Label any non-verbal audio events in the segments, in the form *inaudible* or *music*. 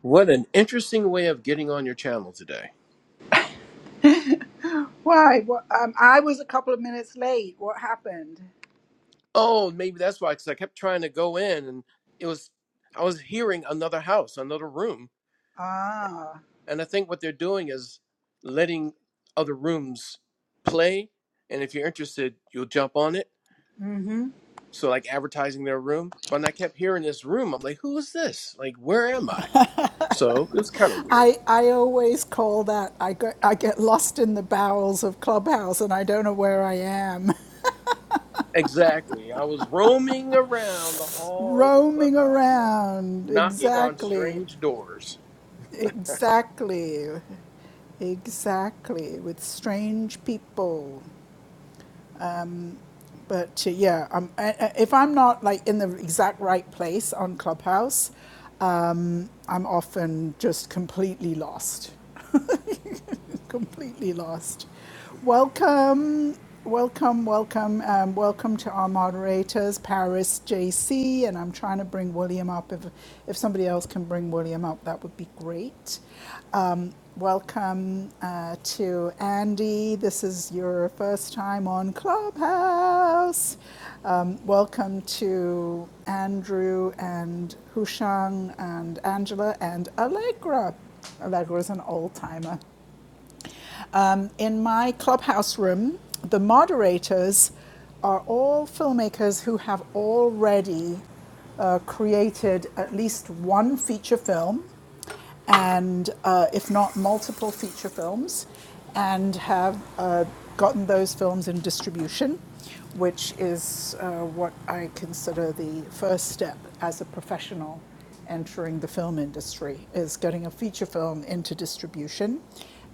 What an interesting way of getting on your channel today. Why? What, um, I was a couple of minutes late. What happened? Oh, maybe that's why, because I kept trying to go in and it was, I was hearing another house, another room. Ah. And I think what they're doing is letting other rooms play. And if you're interested, you'll jump on it. Mm-hmm. So, like advertising their room. But when I kept hearing this room, I'm like, who is this? Like, where am I? So it was kind of weird. I call that I get, I get lost in the bowels of Clubhouse and I don't know where I am. Exactly. I was roaming around the *laughs* halls of Roaming Clubhouse, around. knocking on Exactly. strange doors. Exactly. Exactly. With strange people. But uh, yeah, um, I, I- if I'm not like in the exact right place on Clubhouse, um, I'm often just completely lost. *laughs* completely lost. Welcome, welcome, welcome, um, welcome to our moderators, Paris, JC, and I'm trying to bring William up. If if somebody else can bring William up, that would be great. Um, welcome uh, to Andy. This is your first time on Clubhouse. Um, welcome to Andrew and Hushang and Angela and Allegra. Allegra's an old timer. Um, in my clubhouse room, the moderators are all filmmakers who have already uh, created at least one feature film and uh, if not multiple feature films, and have uh, gotten those films in distribution which is uh, what I consider the first step as a professional entering the film industry is getting a feature film into distribution.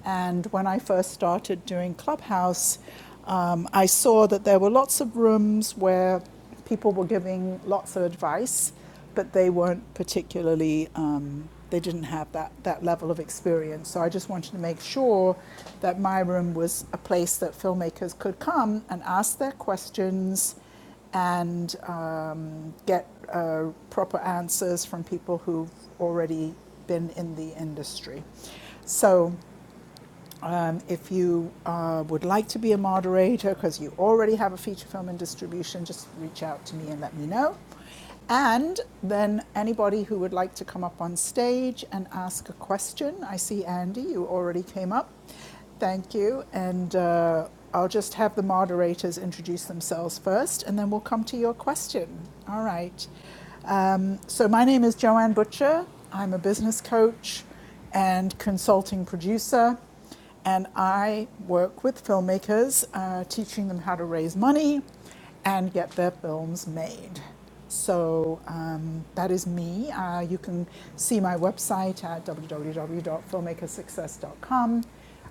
And when I first started doing Clubhouse, um, I saw that there were lots of rooms where people were giving lots of advice but they weren't particularly, um, they didn't have that, that level of experience. So I just wanted to make sure that my room was a place that filmmakers could come and ask their questions and um, get uh, proper answers from people who've already been in the industry. So um, if you uh, would like to be a moderator, because you already have a feature film in distribution, just reach out to me and let me know. And then anybody who would like to come up on stage and ask a question, I see Andy, you already came up. Thank you. And uh, I'll just have the moderators introduce themselves first, and then we'll come to your question. All right. Um, so, my name is Joanne Butcher. I'm a business coach and consulting producer. And I work with filmmakers, uh, teaching them how to raise money and get their films made. So um, that is me. Uh, you can see my website at www.filmmakersuccess.com.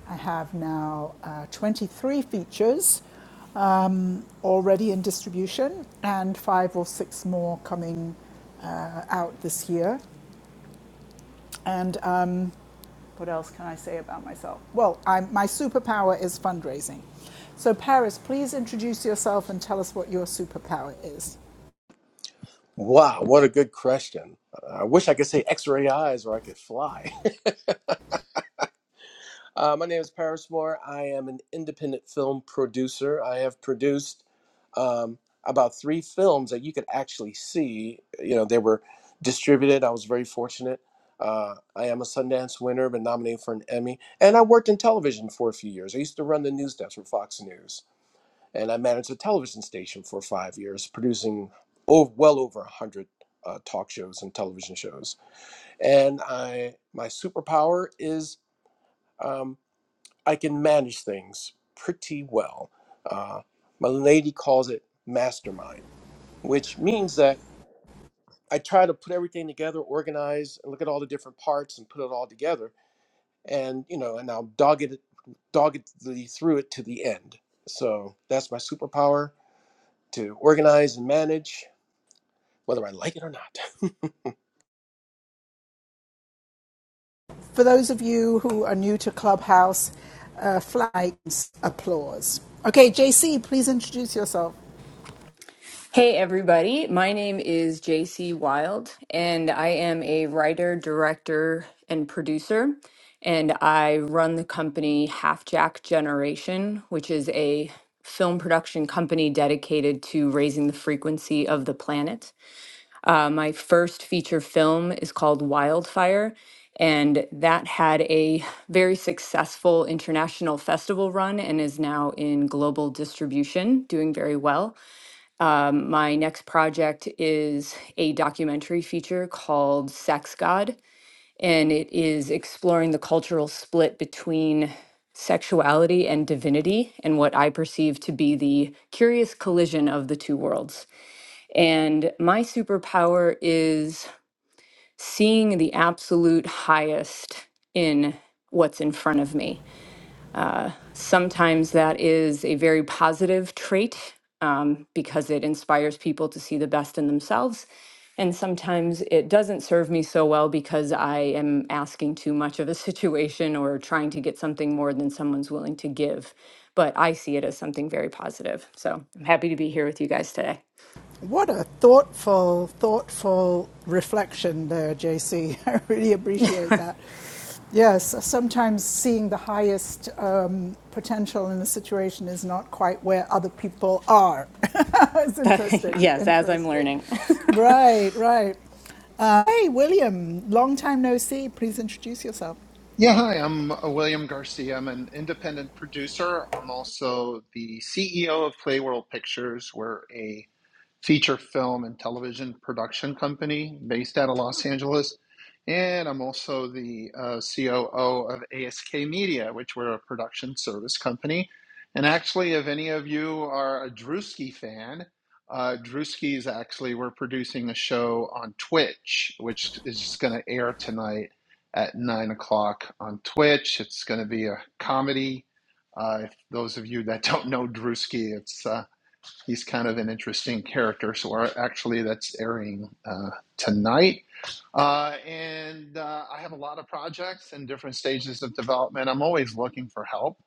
I have now uh, 23 features already in distribution and five or six more coming uh, out this year. And um, What else can I say about myself? Well, I'm, my superpower is fundraising. So, Paris, please introduce yourself and tell us what your superpower is. Wow, what a good question. I wish I could say x ray eyes or I could fly. *laughs* Uh, my name is Paris Moore. I am an independent film producer. I have produced um, about three films that you could actually see. You know, they were distributed. I was very fortunate. Uh, I am a Sundance winner, been nominated for an Emmy. And I worked in television for a few years. I used to run the news desk for Fox News. And I managed a television station for five years, producing oh, well over 100 uh, talk shows and television shows. and I my superpower is um, I can manage things pretty well. Uh, my lady calls it mastermind, which means that I try to put everything together, organize, and look at all the different parts and put it all together, and you know, and I'll dog it doggedly through it to the end. So that's my superpower to organize and manage, whether I like it or not. For those of you who are new to Clubhouse, uh, flags, applause. Okay, JC, please introduce yourself. Hey everybody, my name is JC Wild and I am a writer, director, and producer. And I run the company Half Jack Generation, which is a film production company dedicated to raising the frequency of the planet. Uh, my first feature film is called Wildfire, and that had a very successful international festival run and is now in global distribution, doing very well. Um, my next project is a documentary feature called Sex God, and it is exploring the cultural split between sexuality and divinity and what I perceive to be the curious collision of the two worlds. And my superpower is seeing the absolute highest in what's in front of me uh, sometimes that is a very positive trait um, because it inspires people to see the best in themselves. And sometimes it doesn't serve me so well because I am asking too much of a *laughs* situation or trying to get something more than someone's willing to give. But I see it as something very positive. So I'm happy to be here with you guys today. What a thoughtful, thoughtful reflection there, JC. *laughs* I really appreciate that. Yes, sometimes seeing the highest um, potential in a situation is not quite where other people are. *laughs* it's *laughs* interesting, yes, as I'm interesting. learning. *laughs* Right, right. Uh, hey, William, long time no see. Please introduce yourself. Yeah, hi, I'm uh, William Garcia. I'm an independent producer. I'm also the CEO of Playworld Pictures. We're a feature film and television production company based out of Los Angeles. And I'm also the uh, COO of ASK Media, which we're a production service company. And actually, if any of you are a Drewski fan, uh, Drewski is actually, we're producing a show on Twitch, which is just going to air tonight at 9 o'clock on Twitch. It's going to be a comedy. Uh, if those of you that don't know Drewski, it's. uh, he's kind of an interesting character. So actually that's airing uh, tonight uh, and uh, I have a lot of projects in different stages of development. I'm always looking for help,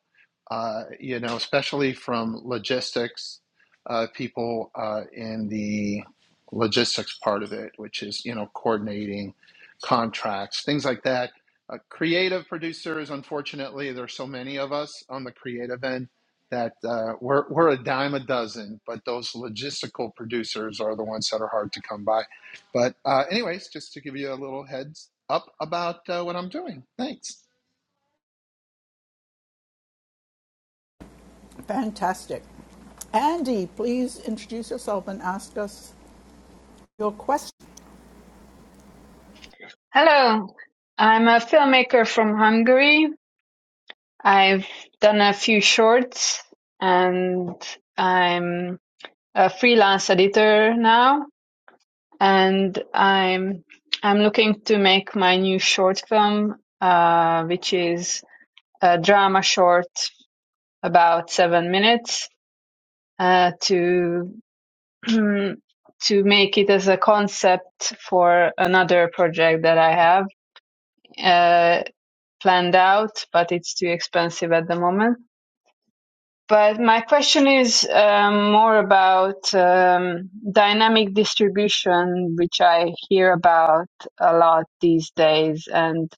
uh, you know, especially from logistics uh, people uh, in the logistics part of it, which is, you know, coordinating contracts, things like that. Uh, creative producers, unfortunately, there's so many of us on the creative end that uh, we're, we're a dime a dozen, but those logistical producers are the ones that are hard to come by but uh, anyways, just to give you a little heads up about uh, what I'm doing. Thanks. Fantastic. Andy, please introduce yourself and ask us your question. Hello, I'm a filmmaker from Hungary. I've done a few shorts and I'm a freelance editor now and I'm I'm looking to make my new short film uh, which is a drama short about 7 minutes uh, to *clears throat* to make it as a concept for another project that I have. Uh, planned out, but it's too expensive at the moment. But my question is um, more about um, dynamic distribution, which I hear about a lot these days. And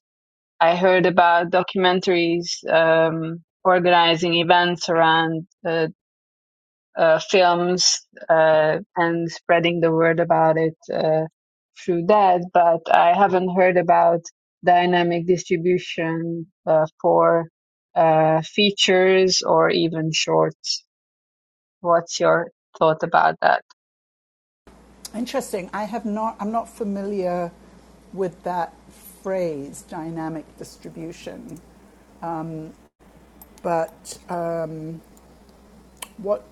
I heard about documentaries um, organizing events around uh, uh, films uh, and spreading the word about it uh, through that. But I haven't heard about dynamic distribution uh, for uh, features or even shorts. What's your thought about that? Interesting. I have not. I'm not familiar with that phrase, dynamic distribution. But uh, what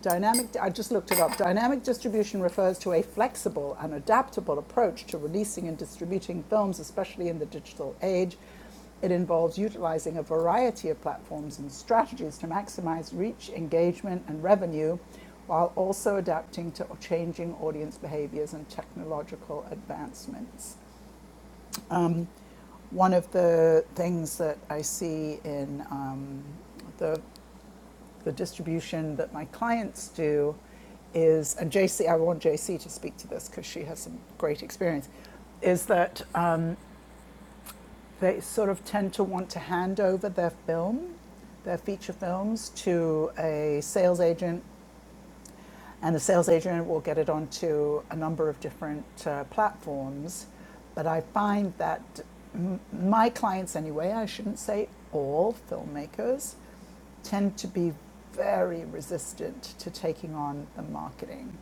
dynamic? I just looked it up. Dynamic distribution refers to a flexible and adaptable approach to releasing and distributing films, especially in the digital age. It involves utilizing a variety of platforms and strategies to maximize reach, engagement, and revenue, while also adapting to changing audience behaviors and technological advancements. One of the things that I see in um, the, the distribution that my clients do is, and JC, I want JC to speak to this because she has some great experience, is that uh, they sort of tend to want to hand over their film, their feature films, to a sales agent And the sales agent will get it onto a number of different uh, platforms. But I find that m- my clients, anyway, I shouldn't say all filmmakers, tend to be very resistant to taking on the marketing.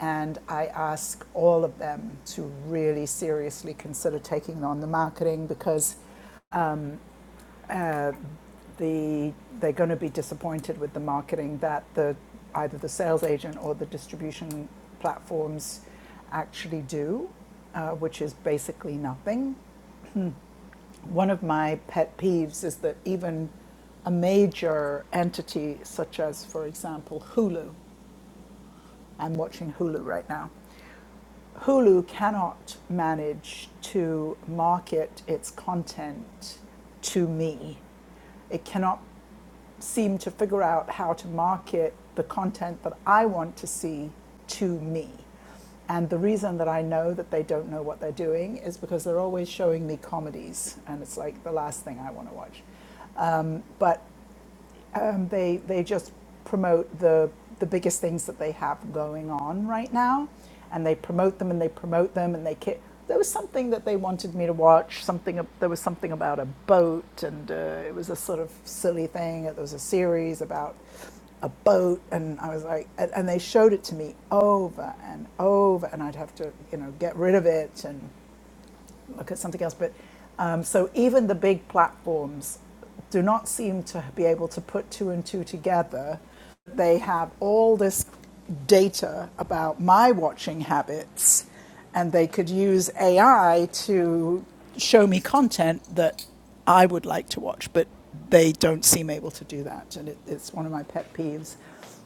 And I ask all of them to really seriously consider taking on the marketing because uh, the they're going to be disappointed with the marketing that the either the sales agent or the distribution platforms actually do, uh, which is basically nothing. One of my pet peeves is that even a major entity such as, for example, Hulu, I'm watching Hulu right now Hulu cannot manage to market its content to me. It cannot seem to figure out how to market the content that I want to see to me. And the reason that I know that they don't know what they're doing is because they're always showing me comedies, and it's like the last thing I want to watch. But um, they they just promote the the biggest things that they have going on right now, and they promote them and they promote them and they. Ki- there was something that they wanted me to watch. Something there was something about a boat, and uh, it was a sort of silly thing. There was a series about a boat, and I was like, and, and they showed it to me over and over, and I'd have to you know get rid of it and look at something else. But um, so even the big platforms do not seem to be able to put two and two together. They have all this data about my watching habits, and they could use AI to show me content that I would like to watch, but they don't seem able to do that. And it, it's one of my pet peeves.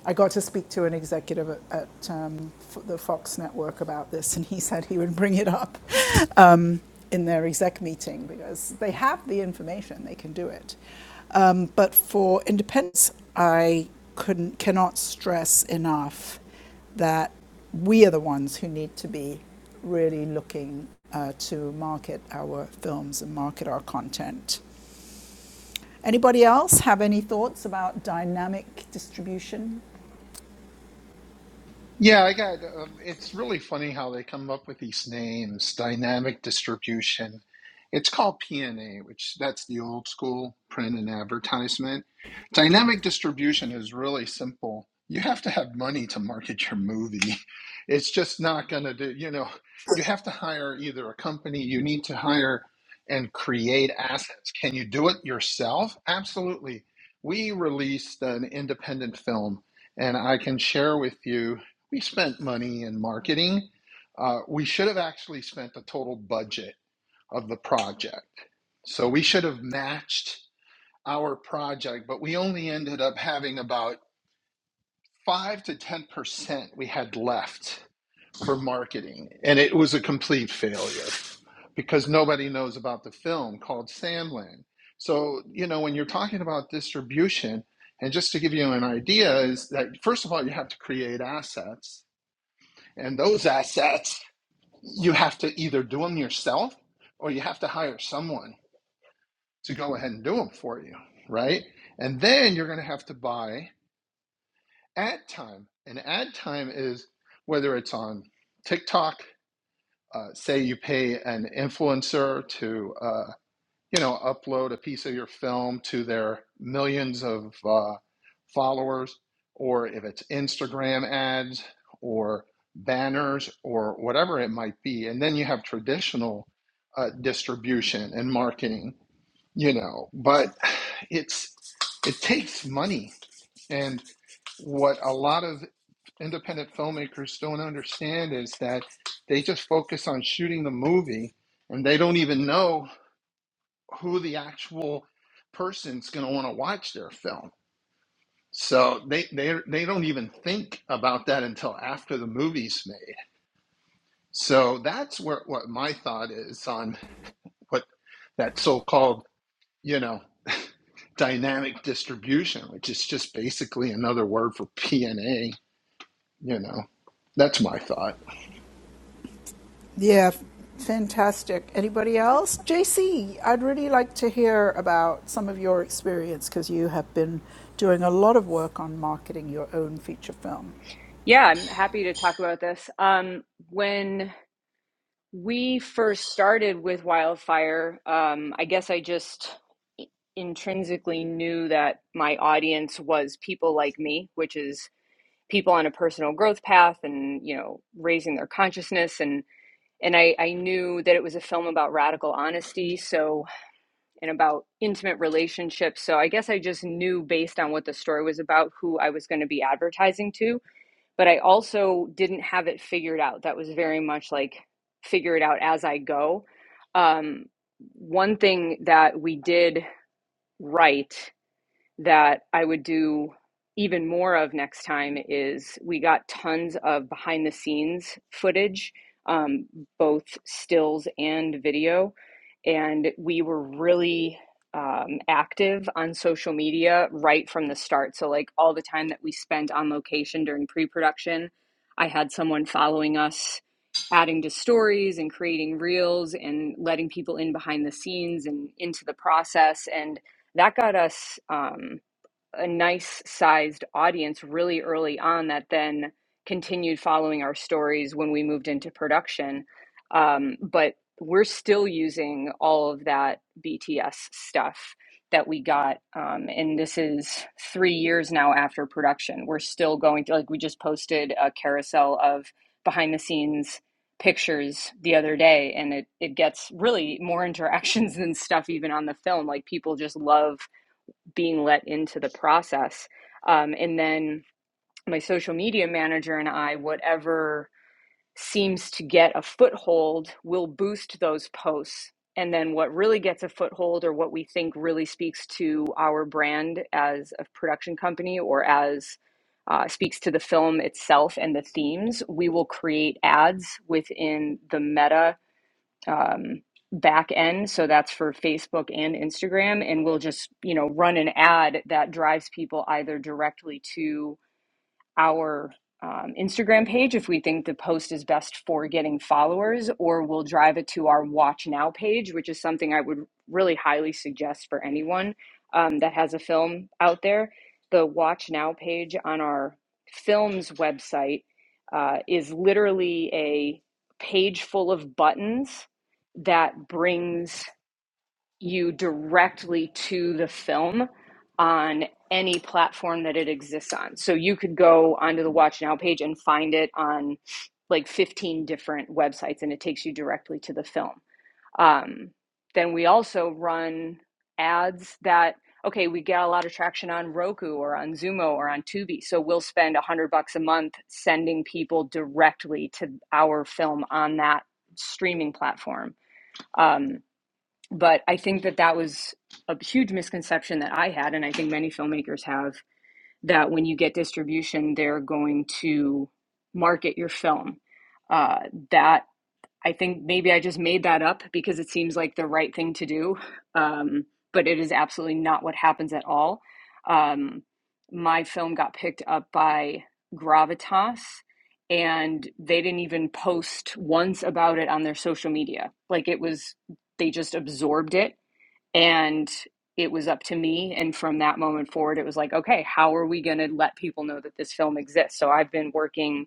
I got to speak to an executive at, at um, the Fox network about this, and he *laughs* said he would bring it up um, in their exec meeting because they have the information, they can do it. Um, but for independents, I couldn't, cannot stress enough that we are the ones who need to be really looking uh, to market our films and market our content. Anybody else have any thoughts about dynamic distribution? Yeah, I got. Um, it's really funny how they come up with these names. Dynamic distribution. It's called PNA, which that's the old school print and advertisement. Dynamic distribution is really simple. You have to have money to market your movie. *laughs* It's just not going to do, you know, you have to hire either a company, you need to hire and create assets. Can you do it yourself? Absolutely. We released an independent film and I can share with you we spent money in marketing. Uh, we should have actually spent the total budget of the project. So we should have matched our project, but we only ended up having about five to 10% we had left for marketing. And it was a complete failure because nobody knows about the film called Sandland. So, you know, when you're talking about distribution, and just to give you an idea, is that first of all, you have to create assets, and those assets you have to either do them yourself or you have to hire someone to go ahead and do them for you, right? And then you're going to have to buy ad time. And ad time is whether it's on TikTok, uh, say you pay an influencer to uh, you know, upload a piece of your film to their millions of uh, followers, or if it's Instagram ads or banners or whatever it might be. And then you have traditional uh, distribution and marketing, you know, but it's it takes money. And what a lot of independent filmmakers don't understand is that they just focus on shooting the movie and they don't even know who the actual person's going to want to watch their film. So they they they don't even think about that until after the movie's made. So that's where what my thought is on what that so-called you know dynamic distribution, which is just basically another word for P and A. You know, that's my thought. Yeah, fantastic. Anybody else? J would really like to hear about some of your experience because you have been doing a lot of work on marketing your own feature film. Yeah, I'm happy to talk about this. Um, when We first started with Wildfire. Um, I guess I just intrinsically knew that my audience was people like me, which is people on a personal growth path and, you know, raising their consciousness. And, and I, I knew that it was a film about radical honesty. So, and about intimate relationships. So I guess I just knew based on what the story was about who I was going to be advertising to but I also didn't have it figured out. That was very much like figure it out as I go. Um, one thing that we did right that I would do even more of next time is we got tons of behind the scenes footage, um, both stills and video. And we were really um, active on social media right from the start. So, like all the time that we spent on location during pre production, I had someone following us, adding to stories and creating reels and letting people in behind the scenes and into the process. And that got us um, a nice sized audience really early on that then continued following our stories when we moved into production. Um, but we're still using all of that BTS stuff that we got. Um, and this is three years now after production. We're still going through, like, we just posted a carousel of behind the scenes pictures the other day and it, it gets really more *laughs* interactions than stuff even on the film like people just love being let into the process. Um, and then my social media manager and I, whatever seems to get a foothold, will boost those posts. And then what really gets a foothold, or what we think really speaks to our brand as a production company or as uh, speaks to the film itself and the themes, we will create ads within the meta um, back end. So that's for Facebook and Instagram. And we'll just, you know, run an ad that drives people either directly to our um, Instagram page if we think the post is best for getting followers, or we'll drive it to our Watch Now page, which is something I would really highly suggest for anyone um, that has a film out there. The Watch Now page on our film's website uh, is literally a page full of buttons that brings you directly to the film on any platform that it exists on. So you could go onto the Watch Now page and find it on like 15 different websites and it takes you directly to the film. Um, then we also run ads that, okay, we get a lot of traction on Roku or on Zumo or on Tubi. So we'll spend 100 bucks a month sending people directly to our film on that streaming platform. Um, but I think that that was a huge misconception that I had, and I think many filmmakers have that when you get distribution, they're going to market your film. Uh, that I think maybe I just made that up because it seems like the right thing to do, um, but it is absolutely not what happens at all. Um, my film got picked up by Gravitas. And they didn't even post once about it on their social media. Like it was, they just absorbed it and it was up to me and from that moment forward it was like okay how are we going to let people know that this film exists so i've been working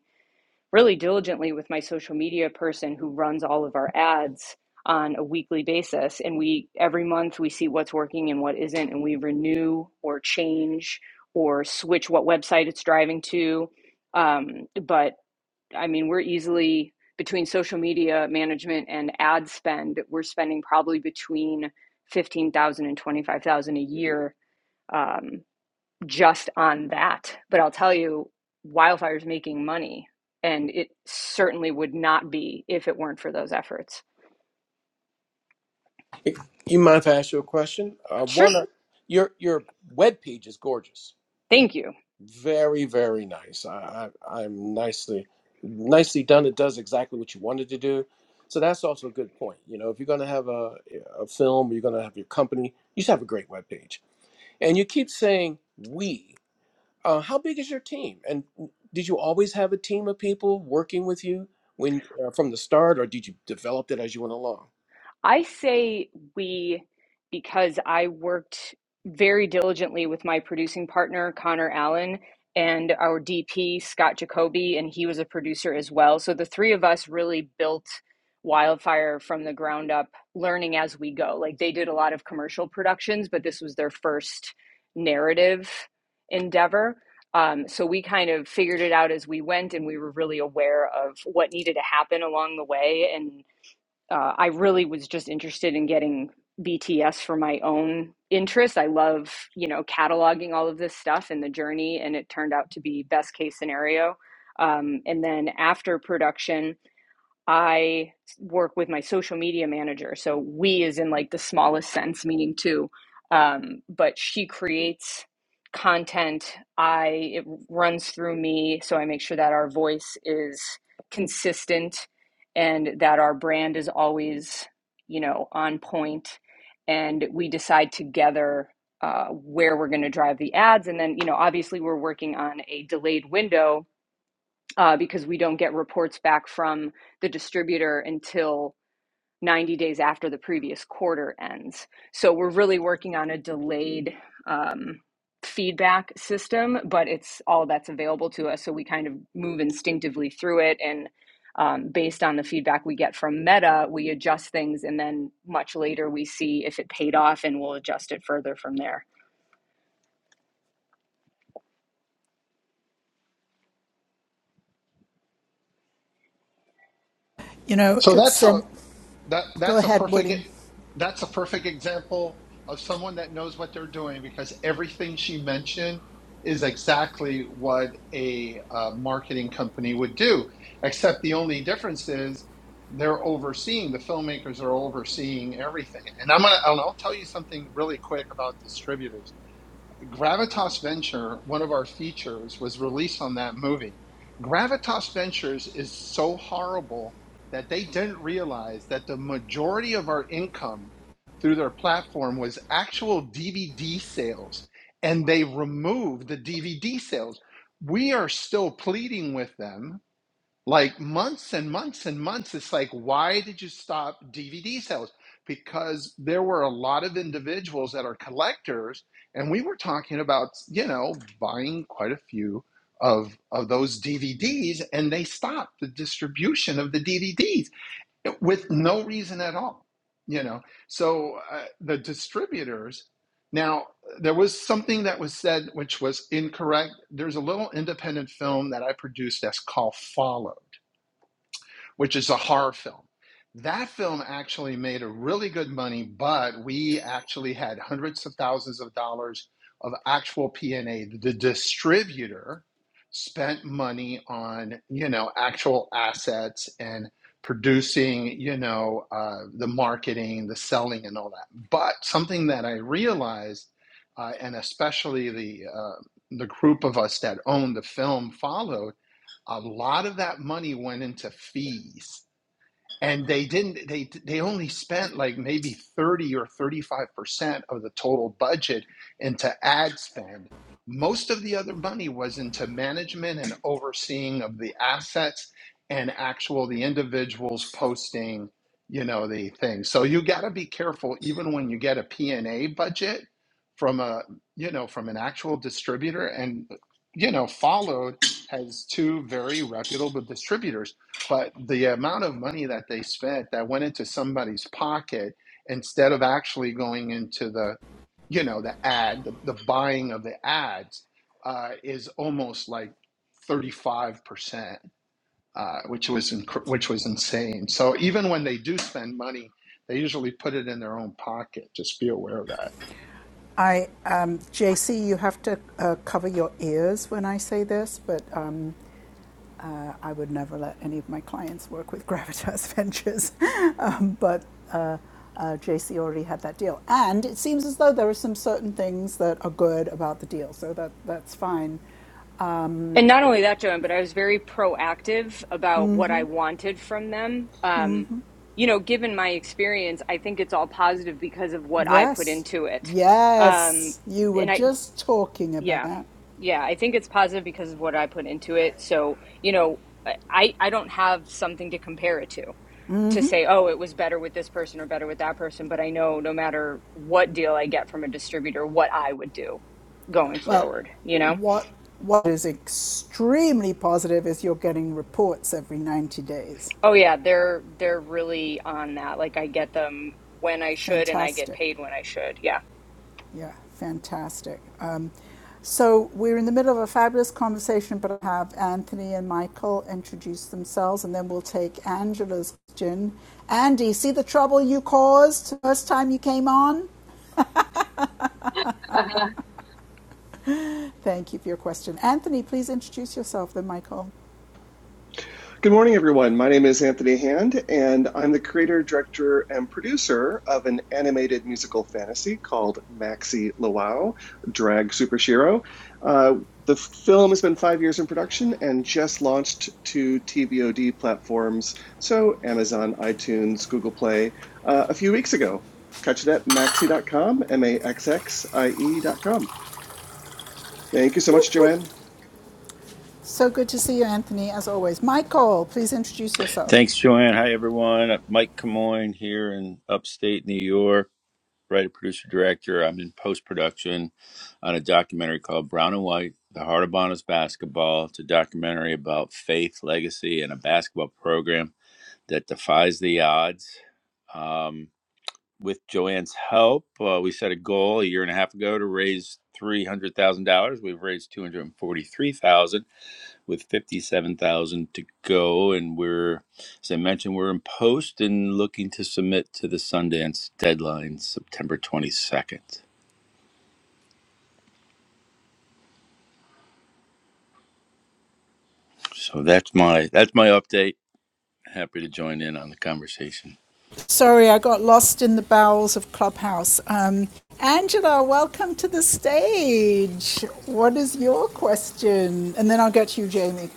really diligently with my social media person who runs all of our ads on a weekly basis and we every month we see what's working and what isn't and we renew or change or switch what website it's driving to um, but I mean, we're easily between social media management and ad spend, we're spending probably between 15,000 and 25,000 a year um, just on that. But I'll tell you, wildfire's making money, and it certainly would not be if it weren't for those efforts. *laughs* you mind if I ask you a question? Uh, Sure. one, of- your your web page is gorgeous Thank you. Very, very nice. I, I, I'm nicely, nicely done. It does exactly what you wanted to do. So that's also a good point. You know, if you're going to have a, a film, you're going to have your company, you should have a great webpage. And you keep saying we. Uh, how big is your team? And did you always have a team of people working with you when uh, from the start, or did you develop it as you went along? I say we because I worked very diligently with my producing partner, Connor Allen, and our DP, Scott Jacoby, and he was a producer as well. So the three of us really built Wildfire from the ground up, learning as we go. Like they did a lot of commercial productions, but this was their first narrative endeavor. Um, so we kind of figured it out as we went, and we were really aware of what needed to happen along the way and uh, I really was just interested in getting BTS for my own interest. I love, you know, cataloging all of this stuff and the journey, and it turned out to be best case scenario. Um, and then after production, I work with my social media manager. So we is in like the smallest sense, meaning two. Um, but she creates content. I it runs through me, so I make sure that our voice is consistent and that our brand is always, you know, on point. And we decide together uh, where we're going to drive the ads, and then you know, obviously, we're working on a delayed window uh, because we don't get reports back from the distributor until 90 days after the previous quarter ends. So we're really working on a delayed um, feedback system, but it's all that's available to us. So we kind of move instinctively through it. And um, based on the feedback we get from Meta, we adjust things. And then much later, we see if it paid off and we'll adjust it further from there. You know, So that's it's a um, That go that's a ahead, perfect e, William. that's a perfect example of someone that knows what they're doing because everything she mentioned is exactly what a uh, marketing company would do. Except the only difference is they're overseeing the filmmakers are overseeing everything. And I'm gonna and I'll tell you something really quick about distributors Gravitas Venture, one of our features, was released on that movie. Gravitas Ventures is so horrible that they didn't realize that the majority of our income through their platform was actual DVD sales, and they removed the DVD sales. We are still pleading with them like months and months and months. It's like, why did you stop DVD sales? Because there were a lot of individuals that are collectors, and we were talking about, you know, buying quite a few of of those DVDs, and they stopped the distribution of the DVDs with no reason at all. You know, so uh, the distributors. Now, there was something that was said which was incorrect. There's a little independent film that I produced that's called Follow which is a horror film. That film actually made a really good money, but we actually had hundreds of thousands of dollars of actual P&A. The distributor spent money on, you know, actual assets and producing, you know, uh, the marketing, the selling, and all that. But something that I realized, uh, and especially the uh, the group of us that owned the film followed a lot of that money went into fees and they didn't they they only spent like maybe 30 or 35% of the total budget into ad spend most of the other money was into management and overseeing of the assets and actual the individuals posting you know the things so you got to be careful even when you get a p&a budget from a you know from an actual distributor and you know followed has two very reputable distributors but the amount of money that they spent that went into somebody's pocket instead of actually going into the you know the ad the, the buying of the ads uh, is almost like 35% uh, which was inc- which was insane so even when they do spend money they usually put it in their own pocket just be aware of that I um, JC, you have to uh, cover your ears when I say this, but um, Uh, I would never let any of my clients work with Gravitas Ventures, *laughs* um, but uh, uh, JC already had that deal. And it seems as though there are some certain things that are good about the deal, so that that's fine. And not only that, Joanne, but I was very proactive about what I wanted from them. Um, you know, given my experience, I think it's all positive because of what I put Yes, into it. Um, yes, you were and I, just talking yeah, about. yeah, I think it's positive because of what I put into it. So, you know, I, I I don't have something to compare it to to say, oh, it was better with this person or better with that person. But I know no matter what deal I get from a distributor, what I would do going Well, forward, you know? what what is extremely positive is you're getting reports every 90 days. Oh yeah, they're they're really on that. Like I get them when I should and I get Fantastic. paid when I should. Yeah. Yeah, fantastic. Um, so we're in the middle of a fabulous conversation, but I'll have Anthony and Michael introduce themselves, and then we'll take Angela's question. Andy, see the trouble you caused first time you came on? *laughs* Thank you for your question. Anthony, please introduce yourself, then Michael. Good morning, everyone. My name is Anthony Hand, and I'm the creator, director, and producer of an animated musical fantasy called Maxi Luau, Drag Super Shiro. Uh, the film has been five years in production and just launched to TVOD platforms, so Amazon, iTunes, Google Play, uh, a few weeks ago. Catch it at maxi.com, M A X X I E.com. Thank you so much, Joanne. So good to see you, Anthony, as always. Michael, please introduce yourself. Thanks, Joanne. Hi, everyone. Uh, Mike Camoin here in upstate New York, writer, producer, director. I'm in post production on a documentary called Brown and White The Heart of Bonus Basketball. It's a documentary about faith, legacy, and a basketball program that defies the odds. Um, with Joanne's help, uh, we set a goal a year and a half ago to raise $300,000. We've raised $243,000 with 57,000 to go. And we're, as I mentioned, we're in post and looking to submit to the Sundance deadline, September 22nd. So that's my that's my update. Happy to join in on the conversation. Sorry, I got lost in the bowels of Clubhouse. Um, Angela, welcome to the stage. What is your question? And then I'll get to you, Jamie.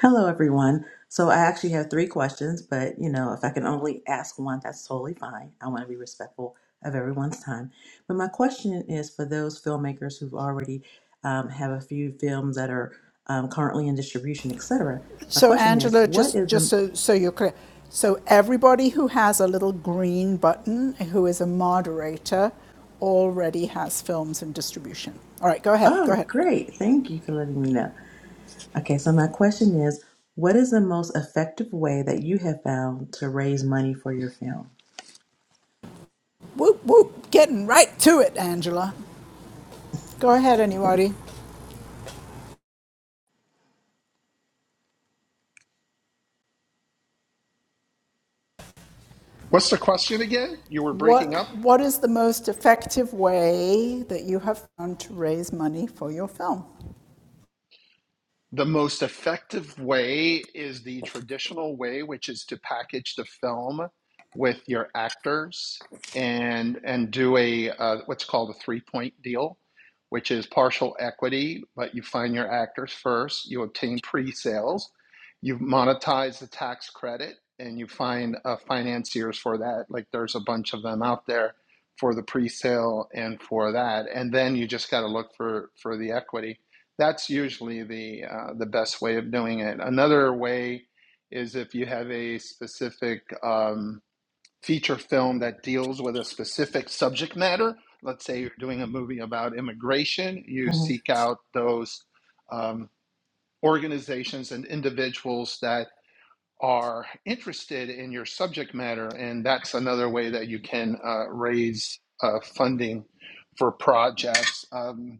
Hello, everyone. So I actually have three questions, but you know, if I can only ask one, that's totally fine. I want to be respectful of everyone's time. But my question is for those filmmakers who've already um, have a few films that are um, currently in distribution, etc. My So, question is, Angela, what just is just the so, so you're clear, so everybody who has a little green button, who is a moderator, already has films in distribution. All right, go ahead, go Oh, ahead. great! Thank you for letting me know. Okay, so my question is, what is the most effective way that you have found to raise money for your film? Whoop whoop, getting right to it, Angela. Go ahead, anybody. what's the question again you were breaking What, up what is the most effective way that you have found to raise money for your film? The most effective way is the traditional way, which is to package the film with your actors and and do a uh, what's called a three-point deal, which is partial equity, but you find your actors first, you obtain pre-sales, you monetize the tax credit, and you find uh, financiers for that. Like there's a bunch of them out there for the pre-sale and for that, and then you just got to look for for the equity that's usually the uh, the best way of doing it. Another way is if you have a specific um, feature film that deals with a specific subject matter. Let's say you're doing a movie about immigration, you hmm seek out those um, organizations and individuals that are interested in your subject matter, and that's another way that you can uh, raise uh, funding for projects. Um,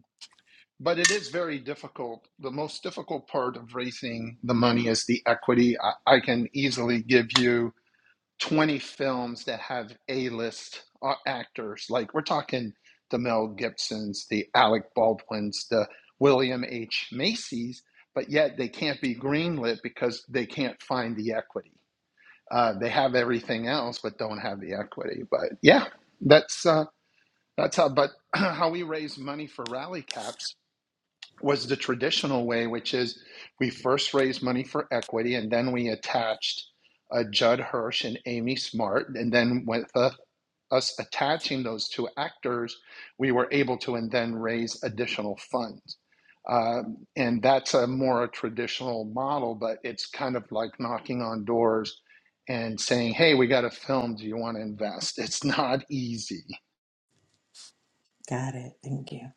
but it is very difficult. The most difficult part of raising the money is the equity. I, I can easily give you 20 films that have A list actors. Like we're talking the Mel Gibsons, the Alec Baldwins, the William H. Macy's, but yet they can't be greenlit because they can't find the equity. Uh, they have everything else, but don't have the equity. But yeah, that's uh, that's how. But *clears throat* how we raise money for Rally Caps was the traditional way, which is we first raised money for equity and then we attached uh, Judd Hirsch and Amy Smart. And then with uh, us attaching those two actors, we were able to and then raise additional funds. Um, and that's a more a traditional model, but it's kind of like knocking on doors and saying, hey, we got a film. Do you want to invest? It's not easy. Got it. Thank you.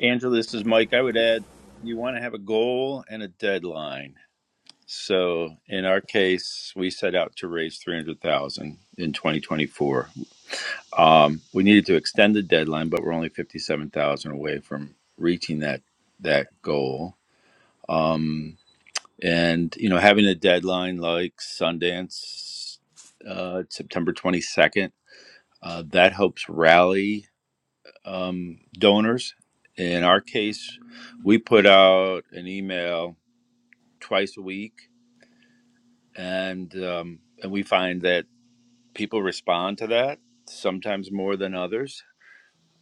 Angela, this is Mike. I would add, you want to have a goal and a deadline. So in our case, we set out to raise 300,000 in 2024 Um, we needed to extend the deadline, but we're only fifty-seven thousand away from reaching that that goal. Um, and you know, having a deadline like Sundance, uh, September twenty-second, uh, that helps rally um, donors. In our case, we put out an email twice a week, and um, and we find that people respond to that sometimes more than others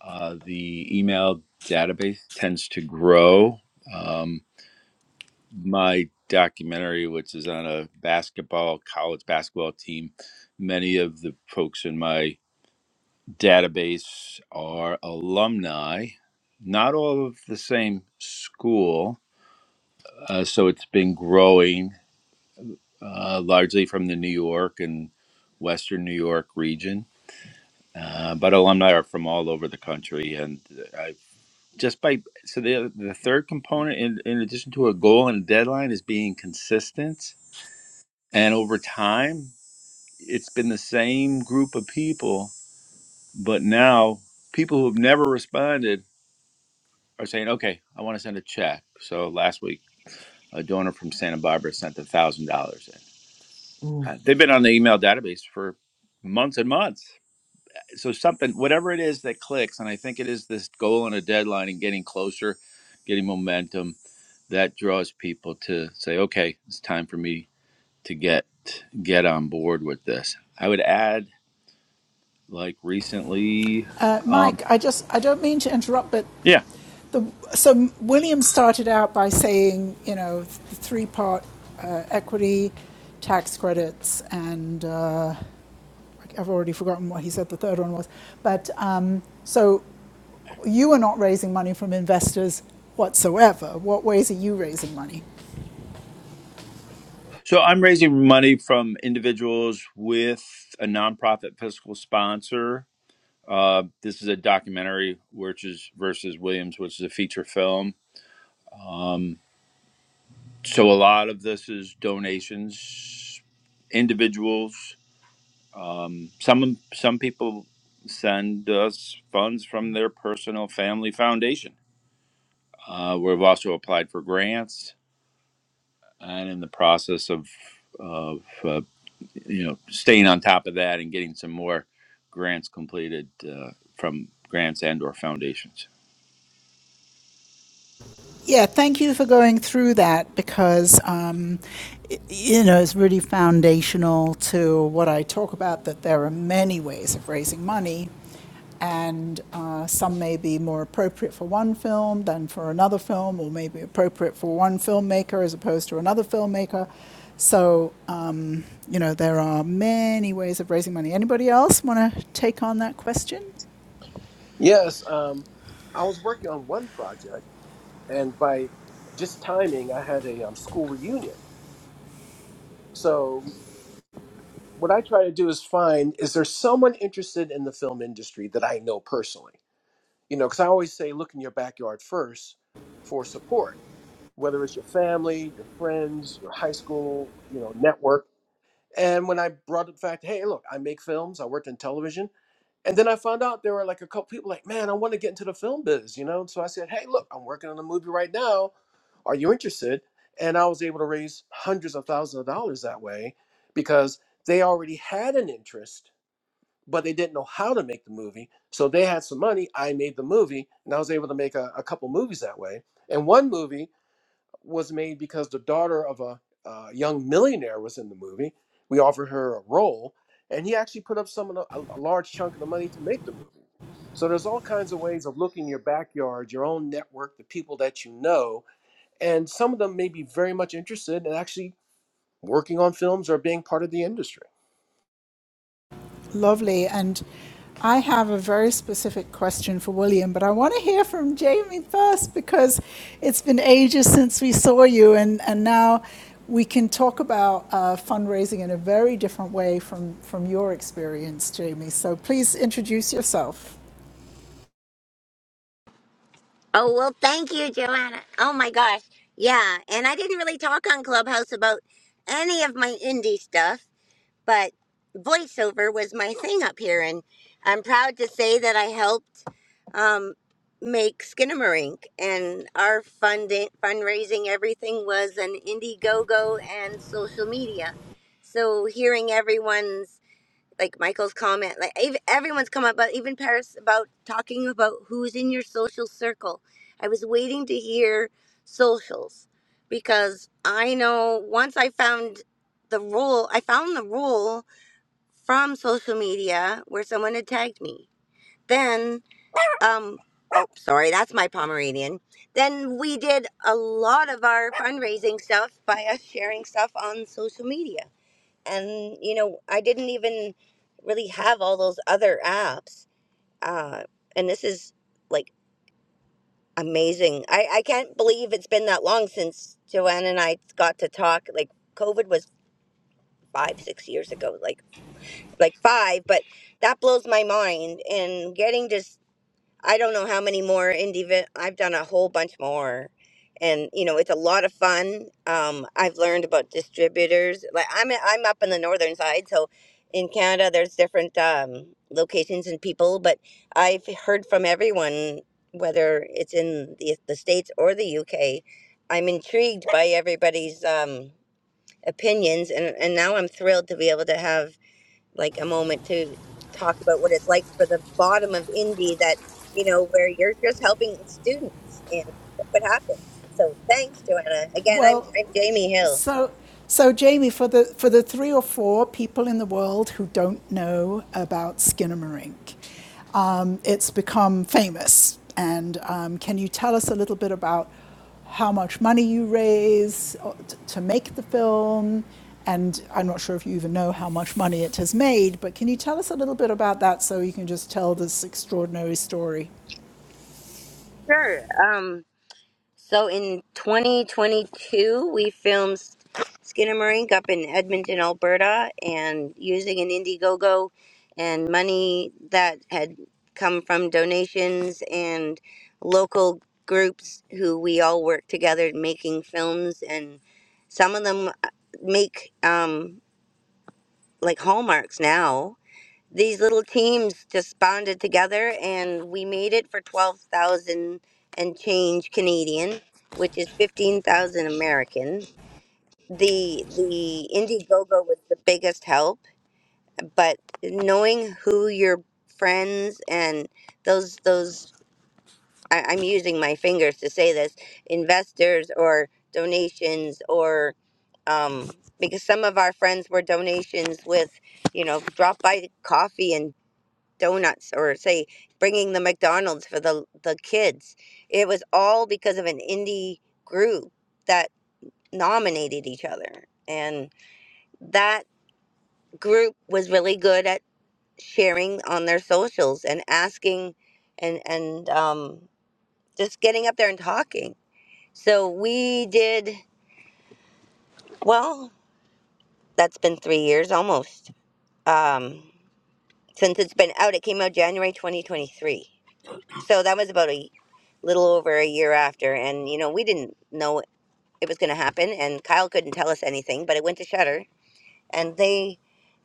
Uh, the email database tends to grow. Um, my documentary, which is on a basketball, college basketball team, many of the folks in my database are alumni, not all of the same school. Uh, so it's been growing uh, largely from the New York and Western New York region. Uh, but alumni are from all over the country, and I. just by so the the third component in, in addition to a goal and a deadline is being consistent and over time it's been the same group of people but now people who have never responded are saying okay i want to send a check so last week a donor from santa barbara sent a thousand dollars in Mm. Uh, they've been on the email database for months and months so something whatever it is that clicks and i think it is this goal and a deadline and getting closer getting momentum that draws people to say okay it's time for me to get get on board with this i would add like recently Uh, um Mike, I just, I don't mean to interrupt, but yeah the, so William started out by saying, you know, the three part uh, equity, tax credits, and uh, like, I've already forgotten what he said the third one was. But um, so you are not raising money from investors whatsoever. What ways are you raising money? so i'm raising money from individuals with a nonprofit fiscal sponsor uh, this is a documentary which is versus williams which is a feature film um, So a lot of this is donations, individuals. Um, some some people send us funds from their personal family foundation. Uh, we've also applied for grants and in the process of of uh, you know staying on top of that and getting some more grants completed uh, from grants and or foundations. Yeah, thank you for going through that because, um, y- you know, it's really foundational to what I talk about that there are many ways of raising money, and uh, some may be more appropriate for one film than for another film, or maybe appropriate for one filmmaker as opposed to another filmmaker. So, um, you know, there are many ways of raising money. Anybody else want to take on that question? Yes, um, I was working on one project, and by just timing, I had a um, school reunion. So what I try to do is find is there someone interested in the film industry that I know personally? You know, because I always say look in your backyard first for support, whether it's your family, your friends, your high school, you know, network. And when I brought up the fact, hey, look, I make films, I worked in television, and then I found out there were like a couple people like, man, I want to get into the film biz, you know? So I said, hey, look, I'm working on a movie right now. Are you interested? And I was able to raise hundreds of thousands of dollars that way because they already had an interest, but they didn't know how to make the movie. So they had some money. I made the movie and I was able to make a, a couple movies that way. And one movie was made because the daughter of a uh, young millionaire was in the movie. We offered her a role, and he actually put up some of the, a, a large chunk of the money to make the movie. So there's all kinds of ways of looking in your backyard, your own network, the people that you know, and some of them may be very much interested in actually working on films or being part of the industry. Lovely. And I have a very specific question for William, but I want to hear from Jamie first because it's been ages since we saw you, and, and now we can talk about uh, fundraising in a very different way from, from your experience, Jamie. So please introduce yourself. Oh, well, thank you, Joanna. Oh my gosh. Yeah. And I didn't really talk on Clubhouse about any of my indie stuff, but voiceover was my thing up here. And I'm proud to say that I helped um, make Skinnamarink. And our funding, fundraising, everything was an Indiegogo and social media. So hearing everyone's like Michael's comment, like ev- everyone's comment, but even Paris about talking about who's in your social circle. I was waiting to hear socials because I know once I found the rule, I found the rule from social media where someone had tagged me. Then, um, oh, sorry, that's my Pomeranian. Then we did a lot of our fundraising stuff by us sharing stuff on social media and you know i didn't even really have all those other apps uh and this is like amazing i i can't believe it's been that long since joanne and i got to talk like covid was five six years ago like like five but that blows my mind and getting to I don't know how many more indie. vi- I've done a whole bunch more, and you know it's a lot of fun. Um, I've learned about distributors. Like I'm I'm up in the northern side, so in Canada there's different um, locations and people, but I've heard from everyone whether it's in the, the states or the UK. I'm intrigued by everybody's um, opinions, and and now I'm thrilled to be able to have like a moment to talk about what it's like for the bottom of Indy that, you know, where you're just helping students and look what happens. So thanks, Joanna. Again, I'm Well, I'm Jamie Hill. So, so Jamie, for the for the three or four people in the world who don't know about Skinnamarink, um, it's become famous. And um, can you tell us a little bit about how much money you raise uh, to make the film? And I'm not sure if you even know how much money it has made, but can you tell us a little bit about that so you can just tell this extraordinary story? Sure. Um, So in 2022, we filmed Skinnamarink up in Edmonton, Alberta, and using an Indiegogo and money that had come from donations and local groups who we all work together making films, and some of them uh, make um, like hallmarks now these little teams just bonded together and we made it for 12,000 and change Canadian, which is 15,000 American. The the Indiegogo was the biggest help, but knowing who your friends and those those I, I'm using my fingers to say this, investors or donations or um, because some of our friends were donations with, you know, drop by coffee and donuts or say bringing the McDonald's for the the kids. It was all because of an indie group that nominated each other, and that group was really good at sharing on their socials and asking, and and um, just getting up there and talking. So we did well. That's been three years almost um, since it's been out. It came out January 2023. So that was about a little over a year after, and you know we didn't know it was going to happen, and Kyle couldn't tell us anything, but it went to Shutter, and they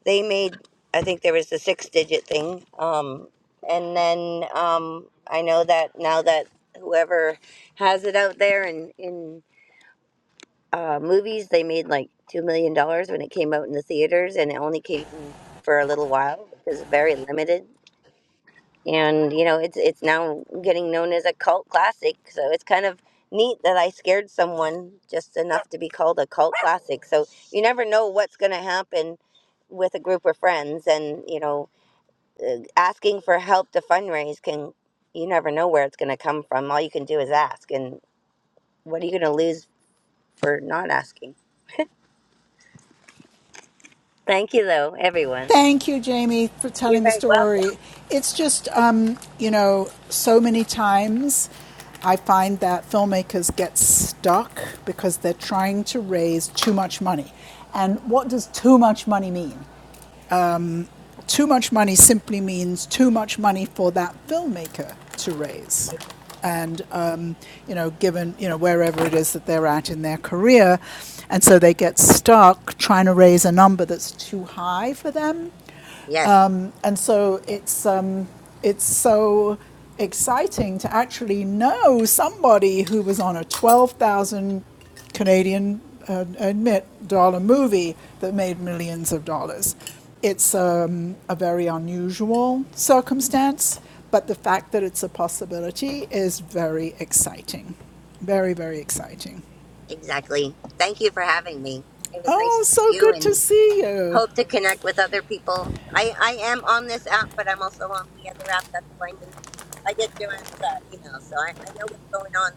they made I think there was the six digit thing, um, and then um, I know that now that whoever has it out there in in uh, movies, they made like two million dollars when it came out in the theaters, and it only came in for a little while because it's very limited and you know it's it's now getting known as a cult classic so it's kind of neat that i scared someone just enough to be called a cult classic so you never know what's going to happen with a group of friends and you know uh, asking for help to fundraise can you never know where it's going to come from all you can do is ask and what are you going to lose for not asking thank you though everyone Thank you, Jamie, for you're telling the very welcome story. It's just, um, you know, so many times I find that filmmakers get stuck because they're trying to raise too much money. And what does too much money mean? Too much money simply means too much money for that filmmaker to raise. And, um, you know, given, you know, wherever it is that they're at in their career. And so they get stuck trying to raise a number that's too high for them yes and so it's, um, it's so exciting to actually know somebody who was on a 12,000 Canadian uh, admit dollar movie that made millions of dollars. It's um, a very unusual circumstance, but the fact that it's a possibility is very exciting. Very, very exciting. exactly thank you for having me it was nice Oh, to so see you good and. to see you. hope to connect with other people. I, I am on this app, but I'm also on the other app. That's how I knew. I get Joanne's uh, email, so I, I know what's going on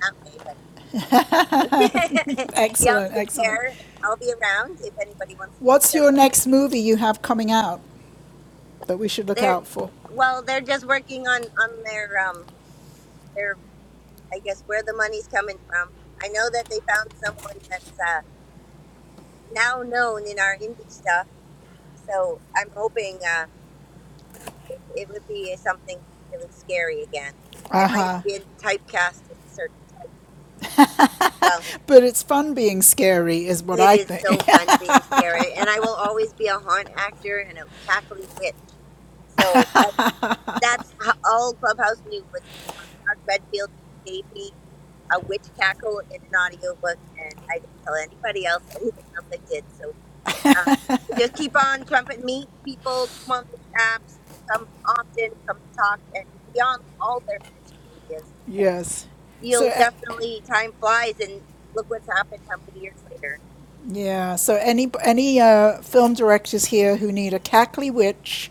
that way. But *laughs* y'all Excellent, take excellent. care, and I'll be around if anybody wants to chit What's chat your about next anything. movie you have coming out? that we should look They're out for. well, they're just working on on their um their I guess where the money's coming from. I know that they found someone that's uh, now known in our indie stuff, so I'm hoping. uh, it, it would be something really scary again. I might have been typecast as a certain. Well, But it's fun being scary, is what it I is think. so fun being scary, and I will always be a haunt actor and a cackling witch. So uh, that's how all Clubhouse knew was um, Mark Redfield gave me a witch cackle in an audiobook, and I didn't tell anybody else anything else I did. So Um, just keep on jumping, meet people, come on these apps, come often, come talk, and be on all their social medias *laughs* because yes. So you'll uh, definitely time flies and look what's happened how many years later. yeah. So any any uh, film directors here who need a cackly witch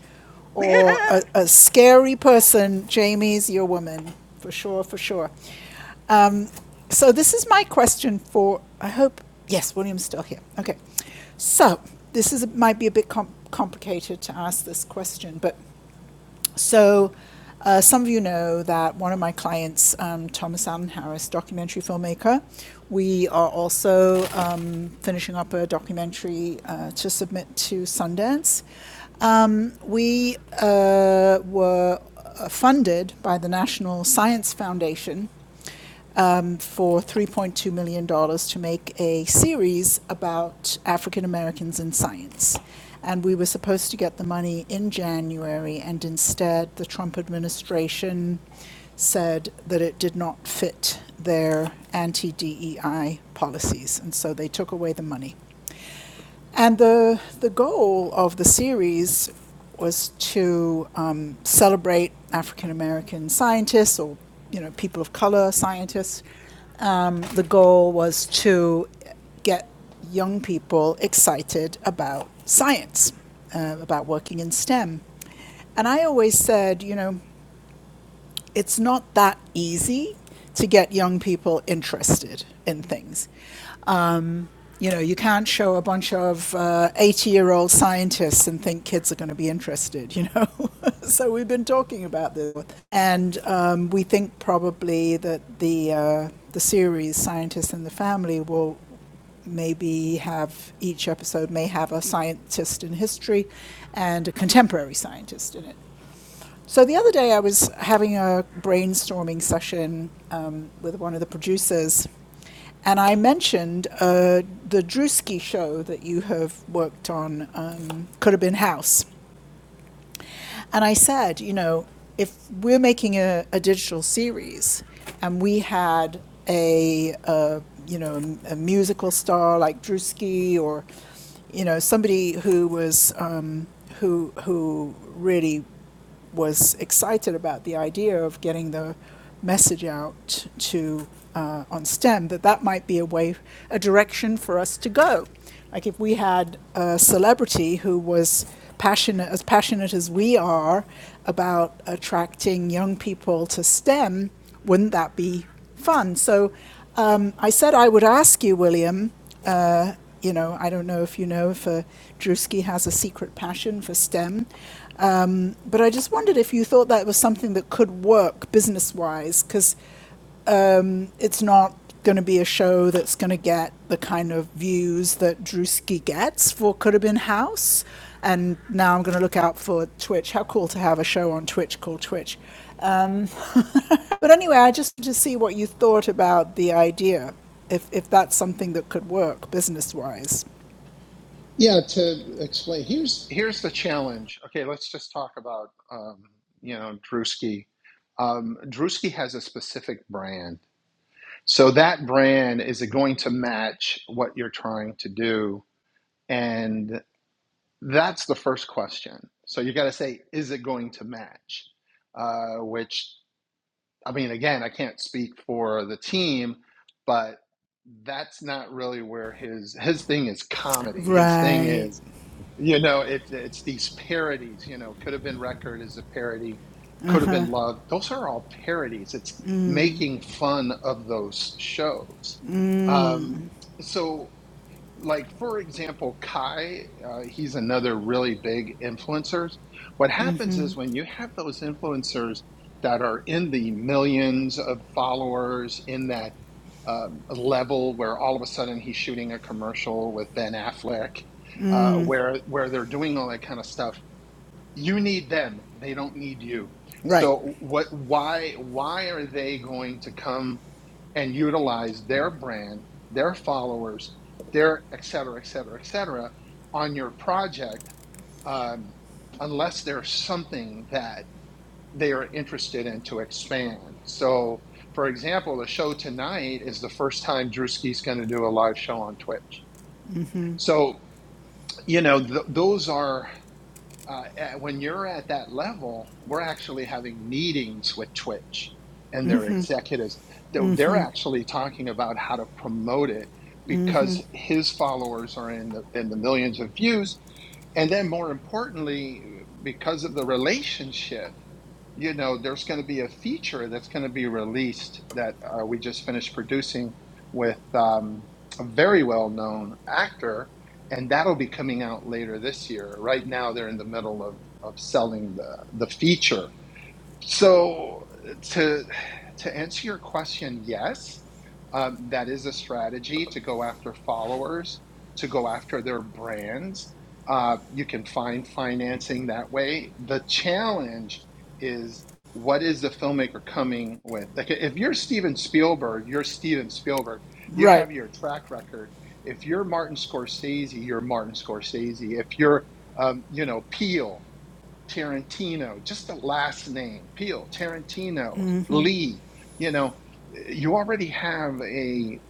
or *laughs* a, a scary person, Jamie's your woman for sure, for sure. Um, so this is my question for. I hope yes, William's still here. Okay. So this is might be a bit com- complicated to ask this question, but So, uh, some of you know that one of my clients, um, Thomas Allen Harris, documentary filmmaker, we are also um, finishing up a documentary uh, to submit to Sundance. Um, we uh, were uh, funded by the National Science Foundation um, for $3.2 million dollars to make a series about African Americans in science. And we were supposed to get the money in January, and instead, the Trump administration said that it did not fit their anti DEI policies, and so they took away the money. And the, the goal of the series was to um, celebrate African American scientists or you know people of color scientists. Um, the goal was to get young people excited about science, uh, about working in STEM. And I always said, you know, it's not that easy to get young people interested in things. Um, you know, you can't show a bunch of 80 uh, year old scientists and think kids are going to be interested, you know. *laughs* so we've been talking about this. And um, we think probably that the, uh, the series, Scientists and the Family, will maybe have each episode may have a scientist in history and a contemporary scientist in it. So the other day, I was having a brainstorming session um, with one of the producers, and I mentioned uh, the Drewski show that you have worked on, um, Could Have Been House. And I said, you know, if we're making a, a digital series and we had a, uh you know, a musical star like Drewski or, you know, somebody who was, um, who, who really was excited about the idea of getting the message out to uh, on STEM that that might be a way, a direction for us to go. Like if we had a celebrity who was passionate, as passionate as we are about attracting young people to STEM, wouldn't that be fun. So um, I said I would ask you, William. Uh, you know, I don't know if you know if uh, Drewski has a secret passion for STEM, um, but I just wondered if you thought that was something that could work business wise, because um, it's not going to be a show that's going to get the kind of views that Drewski gets for Could Have Been House. And now I'm going to look out for Twitch. How cool to have a show on Twitch called Twitch. Um, but anyway, I just wanted to see what you thought about the idea, if if that's something that could work business wise. Yeah, to explain, here's here's the challenge. Okay, let's just talk about um, you know Drewski. Um, Drewski has a specific brand, so that brand is it going to match what you're trying to do, and that's the first question. So you got to say, is it going to match? Uh, which I mean, again, I can't speak for the team, but that's not really where his his thing is comedy. His thing Right. is you know, it, it's these parodies, you know, could have been record is a parody, could have been love. Those are all parodies. It's making fun of those shows. Um, so like for example kai uh, he's another really big influencer what happens is when you have those influencers that are in the millions of followers in that um, level where all of a sudden he's shooting a commercial with ben affleck uh, Mm-mm. where where they're doing all that kind of stuff you need them they don't need you Right. so what why why are they going to come and utilize their brand their followers their et cetera et cetera et cetera on your project um, unless there's something that they are interested in to expand so for example the show tonight is the first time drewski's going to do a live show on twitch so you know th- those are uh, when you're at that level, we're actually having meetings with Twitch and their executives. they they're actually talking about how to promote it because his followers are in the in the millions of views, and then more importantly, because of the relationship you know, there's going to be a feature that's going to be released that uh, we just finished producing with um, a very well known actor, and that'll be coming out later this year. Right now, they're in the middle of, of selling the, the feature so to to answer your question, yes, um, that is a strategy to go after followers, to go after their brands. Uh, you can find financing that way. The challenge is what is the filmmaker coming with? Like if you're Steven Spielberg, you're Steven Spielberg. You Right. have your track record. If you're Martin Scorsese, you're Martin Scorsese. If you're um, you know Peele, Tarantino, just the last name, Peele, Tarantino, Lee, you know, you already have a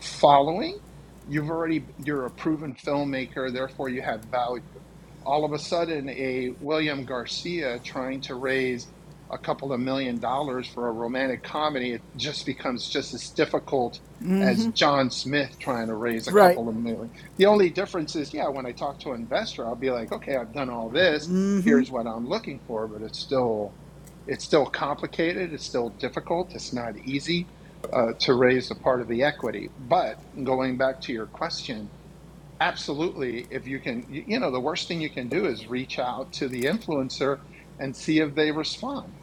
following. You've already, you're a proven filmmaker, therefore you have value. All of a sudden, a William Garcia trying to raise a couple of million dollars for a romantic comedy, it just becomes just as difficult as John Smith trying to raise a Right. couple of million. The only difference is, yeah, when I talk to an investor, I'll be like, okay, I've done all this here's what I'm looking for, but it's still it's still complicated. It's still difficult. It's not easy uh, to raise a part of the equity. But going back to your question, absolutely, if you can, you know, the worst thing you can do is reach out to the influencer and see if they respond.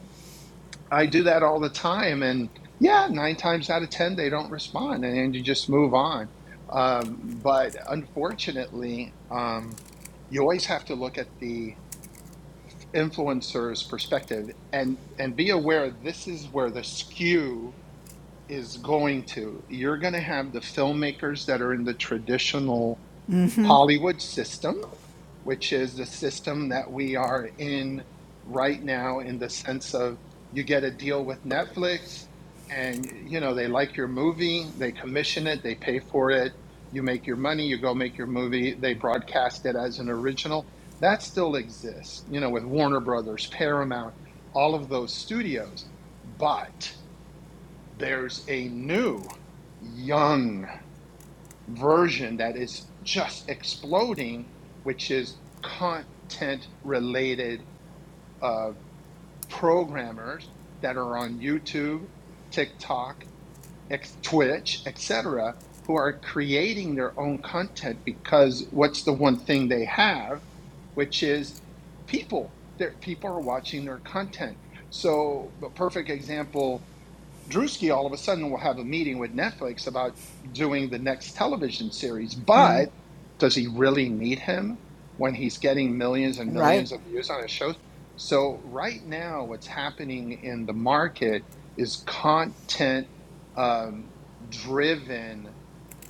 I do that all the time, and yeah, nine times out of ten they don't respond, and, and you just move on. Um, but unfortunately, um, you always have to look at the influencer's perspective and and be aware this is where the skew is going to you're going to have the filmmakers that are in the traditional hollywood system which is the system that we are in right now in the sense of you get a deal with Netflix and you know they like your movie, they commission it, they pay for it, you make your money, you go make your movie, they broadcast it as an original. That still exists, you know, with Warner Brothers, Paramount, all of those studios. But there's a new young version that is just exploding, which is content related uh, programmers that are on YouTube, TikTok, X, Twitch, etc., who are creating their own content because what's the one thing they have, which is people. Their, people are watching their content. So, a perfect example Drewski all of a sudden will have a meeting with Netflix about doing the next television series, Mm. but does he really need him when he's getting millions and Right. millions of views on his shows? So right now, what's happening in the market is content um, driven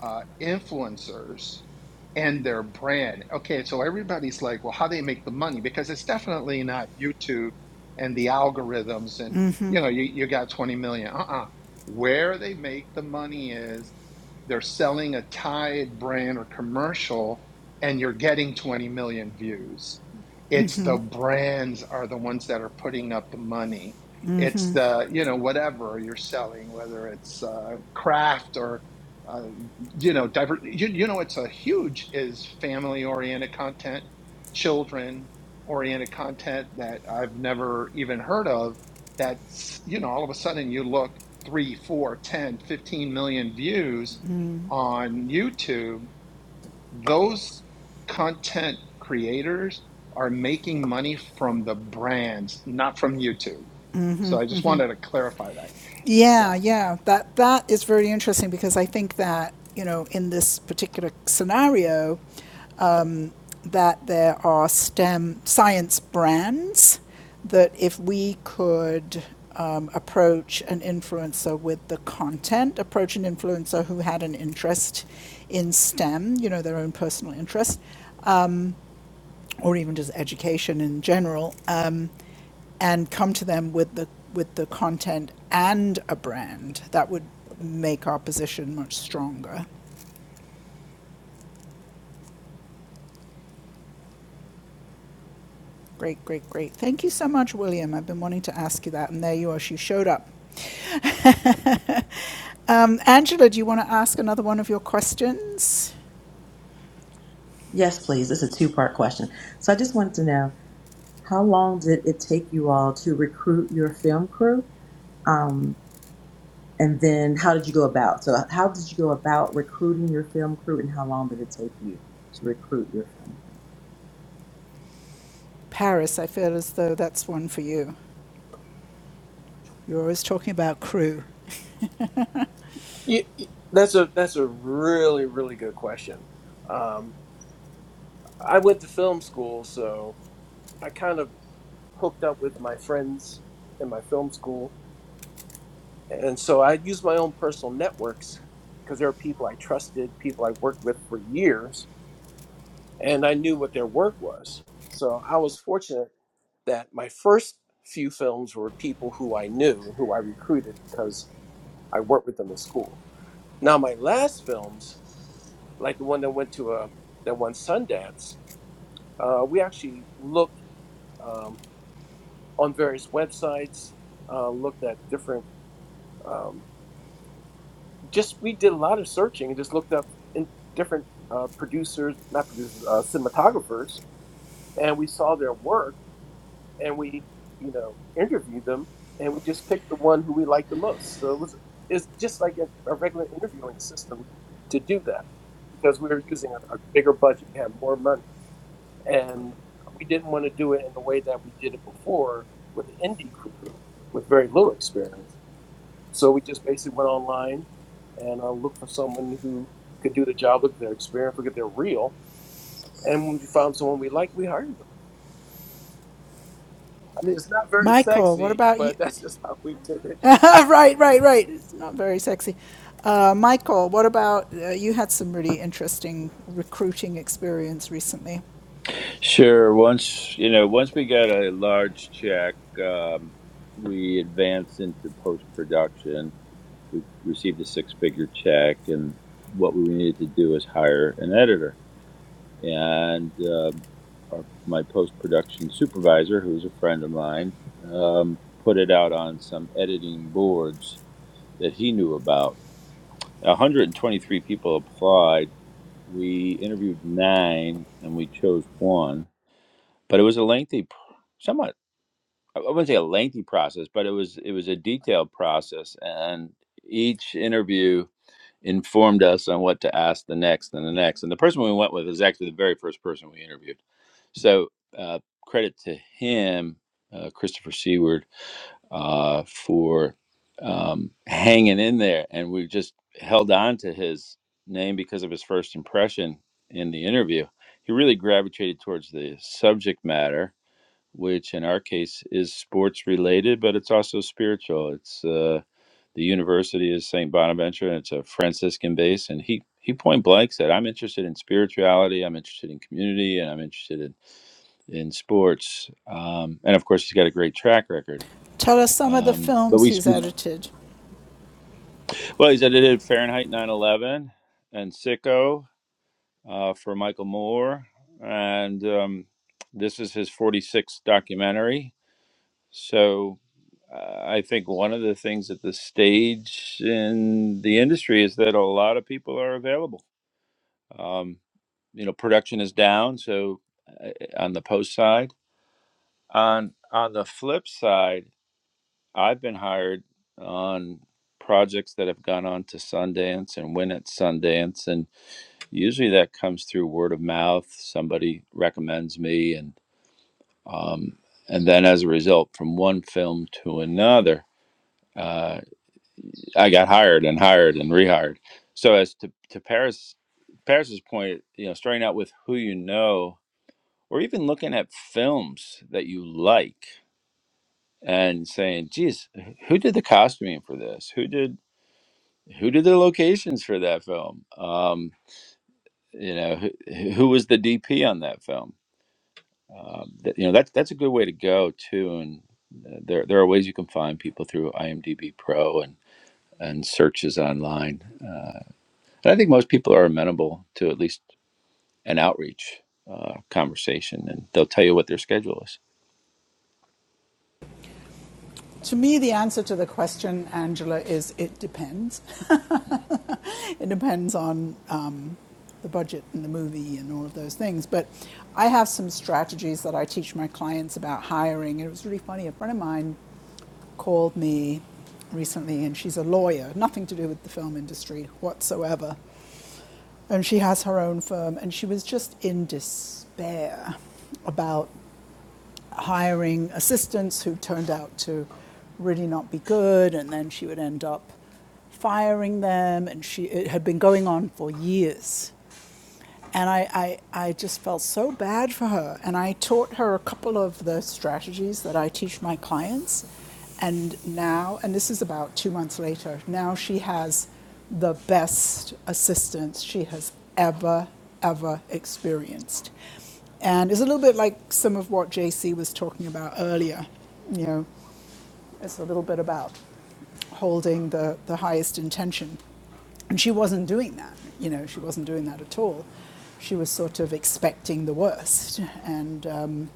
uh, influencers and their brand. Okay, so everybody's like, well, how do they make the money? Because it's definitely not YouTube and the algorithms and you know, you, you got 20 million. Uh-uh. Where they make the money is they're selling a Tide brand or commercial and you're getting 20 million views. It's the brands are the ones that are putting up the money. It's the, you know, whatever you're selling, whether it's uh, craft or, uh, you know, diver- you, you know, it's a huge is family oriented content, children oriented content that I've never even heard of. That's, you know, all of a sudden you look three, four, ten, fifteen million views on YouTube, those content creators are making money from the brands, not from YouTube. So I just wanted to clarify that. Yeah. Yeah. Yeah. That that is very interesting because I think that you know in this particular scenario, that there are STEM science brands that if we could um, approach an influencer with the content, approach an influencer who had an interest in STEM, you know, their own personal interest, or even just education in general, uh, and come to them with the with the content and a brand, that would make our position much stronger. Great, great, great. Thank you so much, William. I've been wanting to ask you that, and there you are. She showed up. *laughs* um, Angela, do you want to ask another one of your questions? Yes, please. It's a two-part question. So I just wanted to know how long did it take you all to recruit your film crew? Um, and then how did you go about? So uh, how did you go about recruiting your film crew and how long did it take you to recruit your film crew? Paris, I feel as though that's one for you. You're always talking about crew. You, you- that's a that's a really really good question. Um, I went to film school, so I kind of hooked up with my friends in my film school And so I used my own personal networks because there were people I trusted, people I worked with for years, and I knew what their work was. So I was fortunate that my first few films were people who I knew and who I recruited because I worked with them in school. Now my last films, like the one that went to a that won Sundance, uh, we actually looked um, on various websites, uh, looked at different. um, just we did a lot of searching and just looked up in different uh, producers, not producers, uh, cinematographers, and we saw their work and we, you know, interviewed them and we just picked the one who we liked the most. So it was it's just like a, a regular interviewing system to do that because we were using a, a bigger budget, we had more money, and we didn't want to do it in the way that we did it before with an indie crew with very little experience so we just basically went online and uh, looked for someone who could do the job, look at their experience, look at their reel. And when we found someone we liked, we hired them. I mean, it's not very Michael, what sexy, about you? but that's just how we did it. *laughs* right, right, right. It's not very sexy. Uh, Michael, what about uh, you? Had some really interesting recruiting experience recently. Sure. Once you know, once we got a large check, um, we advanced into post production we received a six figure check, and what we needed to do is hire an editor. And um, our, my post production supervisor, who's a friend of mine, um, put it out on some editing boards that he knew about. 123 people applied. We interviewed nine and we chose one, but it was a lengthy, somewhat, I wouldn't say a lengthy process, but it was it was a detailed process, and each interview informed us on what to ask the next and the next. And the person we went with is actually the very first person we interviewed. So uh, credit to him, uh, Christopher Seward, uh, for um, hanging in there. And we just held on to his name because of his first impression in the interview. He really gravitated towards the subject matter which in our case is sports related, but it's also spiritual. It's uh, the university is St. Bonaventure, and it's a Franciscan base. And he, he point blank said, I'm interested in spirituality, I'm interested in community, and I'm interested in, in sports. Um, and of course, he's got a great track record. Tell us some of the Um, but films we, he's we, edited. well, he's edited Fahrenheit 9 11 and Sicko uh, for Michael Moore. And um, this is his 46th documentary So uh, I think one of the things at the stage in the industry is that a lot of people are available. Um, you know, production is down, so uh, on the post side. On on the flip side, I've been hired on projects that have gone on to Sundance and win at Sundance, and usually that comes through word of mouth. Somebody recommends me, and um, and then as a result, from one film to another. Uh, I got hired and hired and rehired. So as to to Paris Paris's point, you know, starting out with who you know, or even looking at films that you like and saying, "Geez, who did the costuming for this? Who did who did the locations for that film? Um, you know, who, who was the DP on that film? Um, that, you know, that's that's a good way to go too. And uh, there there are ways you can find people through IMDb Pro and and searches online. And I think most people are amenable to at least an outreach uh, conversation, and they'll tell you what their schedule is. To me, the answer to the question, Angela, is it depends. *laughs* It depends on um, the budget and the movie and all of those things. But I have some strategies that I teach my clients about hiring. And it was really funny. A friend of mine called me recently, and she's a lawyer, nothing to do with the film industry whatsoever. And she has her own firm, and she was just in despair about hiring assistants who turned out to really not be good, and then she would end up firing them, and she, it had been going on for years. And I, I, I just felt so bad for her. And I taught her a couple of the strategies that I teach my clients. And now, and this is about two months later, now she has the best assistance she has ever, ever experienced. And it's a little bit like some of what JC was talking about earlier. You know, it's a little bit about holding the, the highest intention. And she wasn't doing that, you know, she wasn't doing that at all. She was sort of expecting the worst. And, um,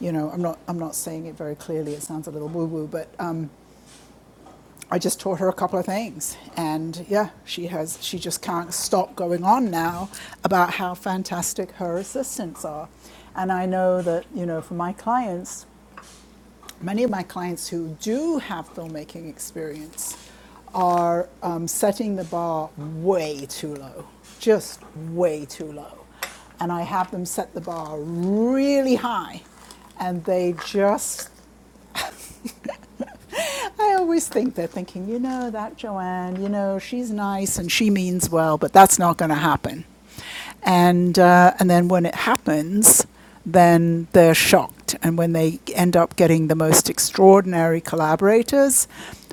you know, I'm not, I'm not saying it very clearly, it sounds a little woo woo, but um, I just taught her a couple of things. And yeah, she, has, she just can't stop going on now about how fantastic her assistants are. And I know that, you know, for my clients, many of my clients who do have filmmaking experience are um, setting the bar way too low, just way too low. And I have them set the bar really high, and they just I always think they're thinking, you know, that Joanne, you know, she's nice and she means well, but that's not going to happen. And, uh, and then when it happens, then they're shocked. And when they end up getting the most extraordinary collaborators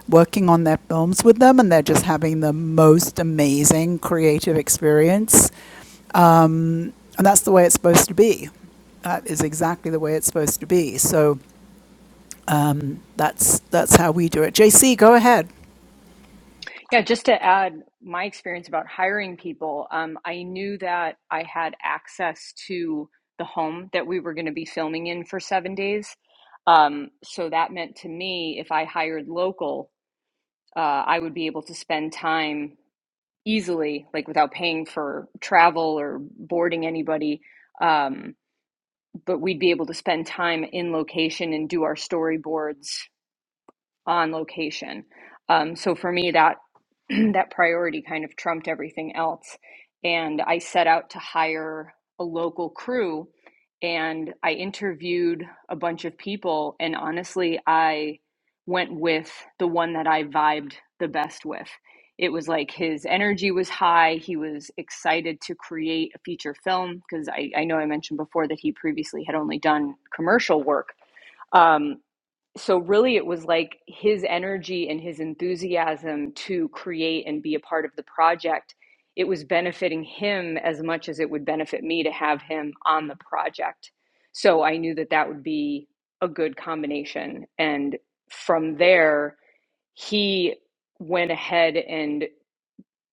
working on their films with them, and they're just having the most amazing creative experience. And that's the way it's supposed to be. That is exactly the way it's supposed to be. So that's, that's how we do it. JC, go ahead. Yeah, just to add my experience about hiring people, um, I knew that I had access to the home that we were going to be filming in for seven days. Um, so that meant to me, if I hired local, uh, I would be able to spend time easily, like without paying for travel or boarding anybody. um, but we'd be able to spend time in location and do our storyboards on location. Um, so for me, that *clears throat* that priority kind of trumped everything else, and I set out to hire a local crew, and I interviewed a bunch of people, and honestly, I went with the one that I vibed the best with. It was like his energy was high. He was excited to create a feature film because I, I know I mentioned before that he previously had only done commercial work. Um, so really it was like his energy and his enthusiasm to create and be a part of the project it was benefiting him as much as it would benefit me to have him on the project so i knew that that would be a good combination and from there he went ahead and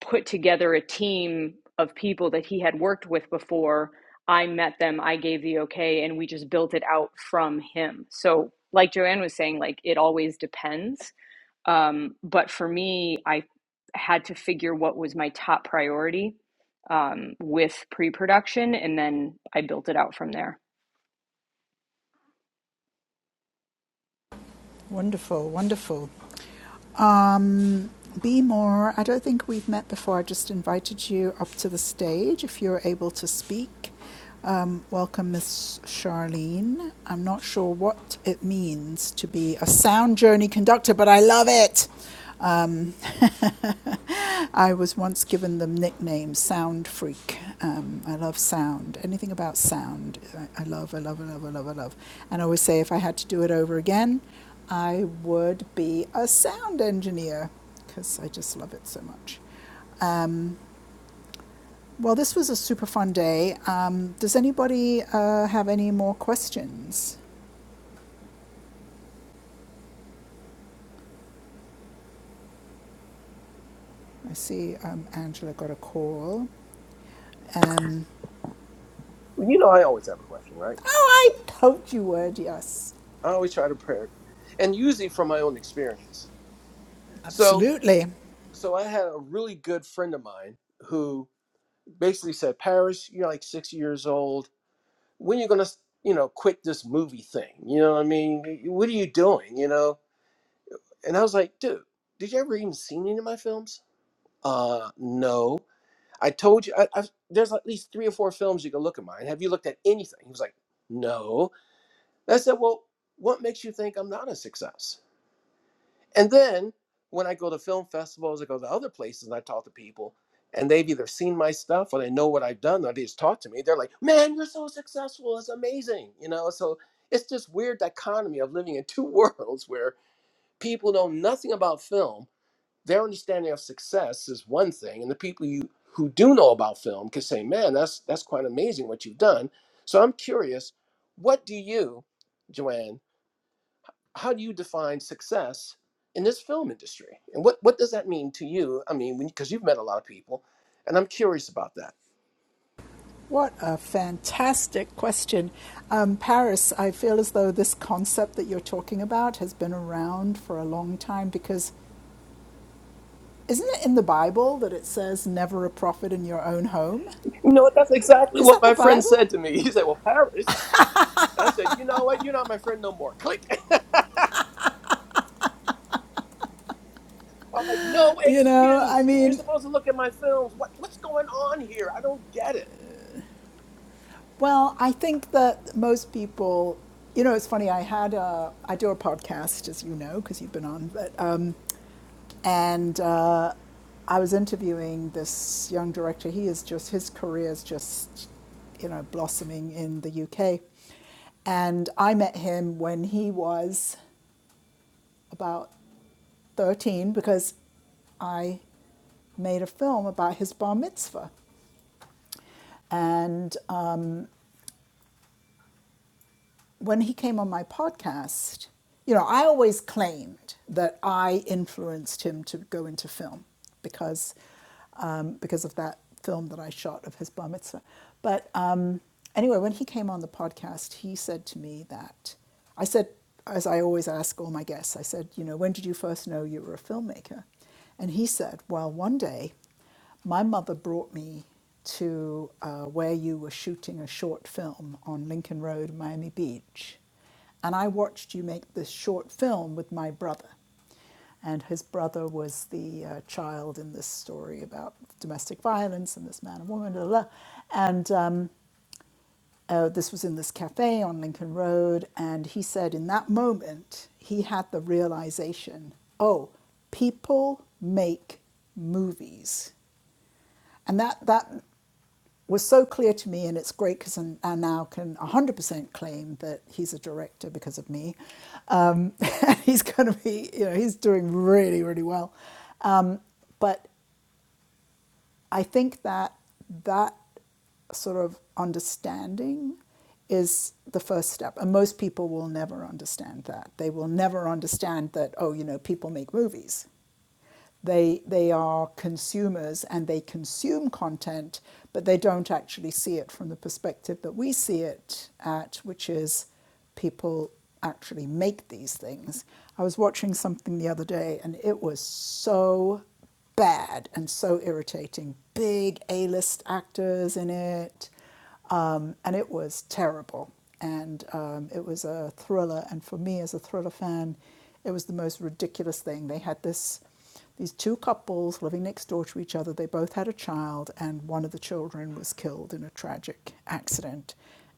put together a team of people that he had worked with before. I met them, I gave the okay, and we just built it out from him. So, like Joanne was saying, like it always depends. Um, but for me, I had to figure what was my top priority um, with pre production, and then I built it out from there. Wonderful, wonderful. Um, be more. I don't think we've met before. I just invited you up to the stage if you're able to speak. Um, welcome, Miss Charlene. I'm not sure what it means to be a sound journey conductor, but I love it. Um, *laughs* I was once given the nickname Sound Freak. Um, I love sound. Anything about sound, I, I love, I love, I love, I love, I love. And I always say if I had to do it over again, I would be a sound engineer because I just love it so much. Well, this was a super fun day. Um, does anybody uh, have any more questions? I see um, Angela got a call. Um, Well, you know, I always have a question, right? oh, I told you would, yes. I always try to prepare, and usually from my own experience. So, Absolutely. so I had a really good friend of mine who basically said, "Paris, you're like six years old. When are you gonna, you know, quit this movie thing? You know what I mean? What are you doing? You know?" And I was like, dude, did you ever even seen any of my films? Uh, no. I told you, I, I've, there's at least three or four films you can look at mine. Have you looked at anything? He was like, no. And I said, well, what makes you think I'm not a success? And then when I go to film festivals, I go to other places and I talk to people, and they've either seen my stuff or they know what I've done or they just talk to me. They're like, man, you're so successful. It's amazing. You know, so it's this weird dichotomy of living in two *laughs* worlds where people know nothing about film their understanding of success is one thing, and the people you who do know about film can say, "Man, that's that's quite amazing what you've done." So I'm curious, what do you, Joanne? How do you define success in this film industry, and what what does that mean to you? I mean, because you've met a lot of people, and I'm curious about that. What a fantastic question. Um, Paris, I feel as though this concept that you're talking about has been around for a long time because isn't it in the Bible that it says never a prophet in your own home? You know what? That's exactly Is what that the my friend Bible? said to me. *laughs* He said, "Well, Paris." I said, "You know what? You're not my friend no more." Click. *laughs* I'm like, no You know, I excuse. You're mean, supposed to look at my films. What what's going on here? I don't get it. well, I think that most people, you know, it's funny. I had a, I do a podcast, as you know, because you've been on, but um, and uh, I was interviewing this young director. He is just his career is just you know blossoming in the UK, and I met him when he was about thirteen because I made a film about his bar mitzvah, and. Um, when he came on my podcast, you know, I always claimed that I influenced him to go into film because um, because of that film that I shot of his bar mitzvah. But um, anyway, when he came on the podcast, he said to me that I said, as I always ask all my guests, I said, you know, when did you first know you were a filmmaker? And he said, well, one day my mother brought me to uh, where you were shooting a short film on Lincoln Road, Miami Beach. And I watched you make this short film with my brother. And his brother was the uh, child in this story about domestic violence and this man and woman, blah, blah. blah. And um, uh, this was in this cafe on Lincoln Road. And he said in that moment, he had the realization oh, people make movies. And that, that was so clear to me, and it's great because I, now can 100% claim that he's a director because of me. Um, *laughs* and he's going to be, you know, he's doing really, really well. But I think that that sort of understanding is the first step. And most people will never understand that. They will never understand that, oh, you know, people make movies. They, they are consumers and they consume content, but they don't actually see it from the perspective that we see it at, which is people actually make these things. I was watching something the other day and it was so bad and so irritating. Big A list actors in it, um, and it was terrible. And um, it was a thriller. And for me, as a thriller fan, it was the most ridiculous thing. They had this, these two couples living next door to each other. They both had a child, and one of the children was killed in a tragic accident.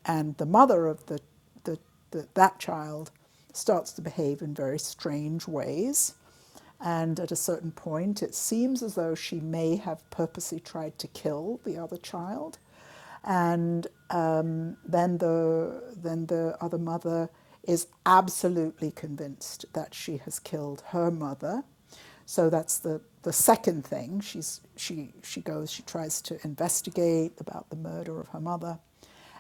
And the mother of the the the, the, that child starts to behave in very strange ways. And at a certain point, it seems as though she may have purposely tried to kill the other child. And um, then, the, then the other mother is absolutely convinced that she has killed her mother. So that's the, the second thing. She's, she, she goes, she tries to investigate about the murder of her mother.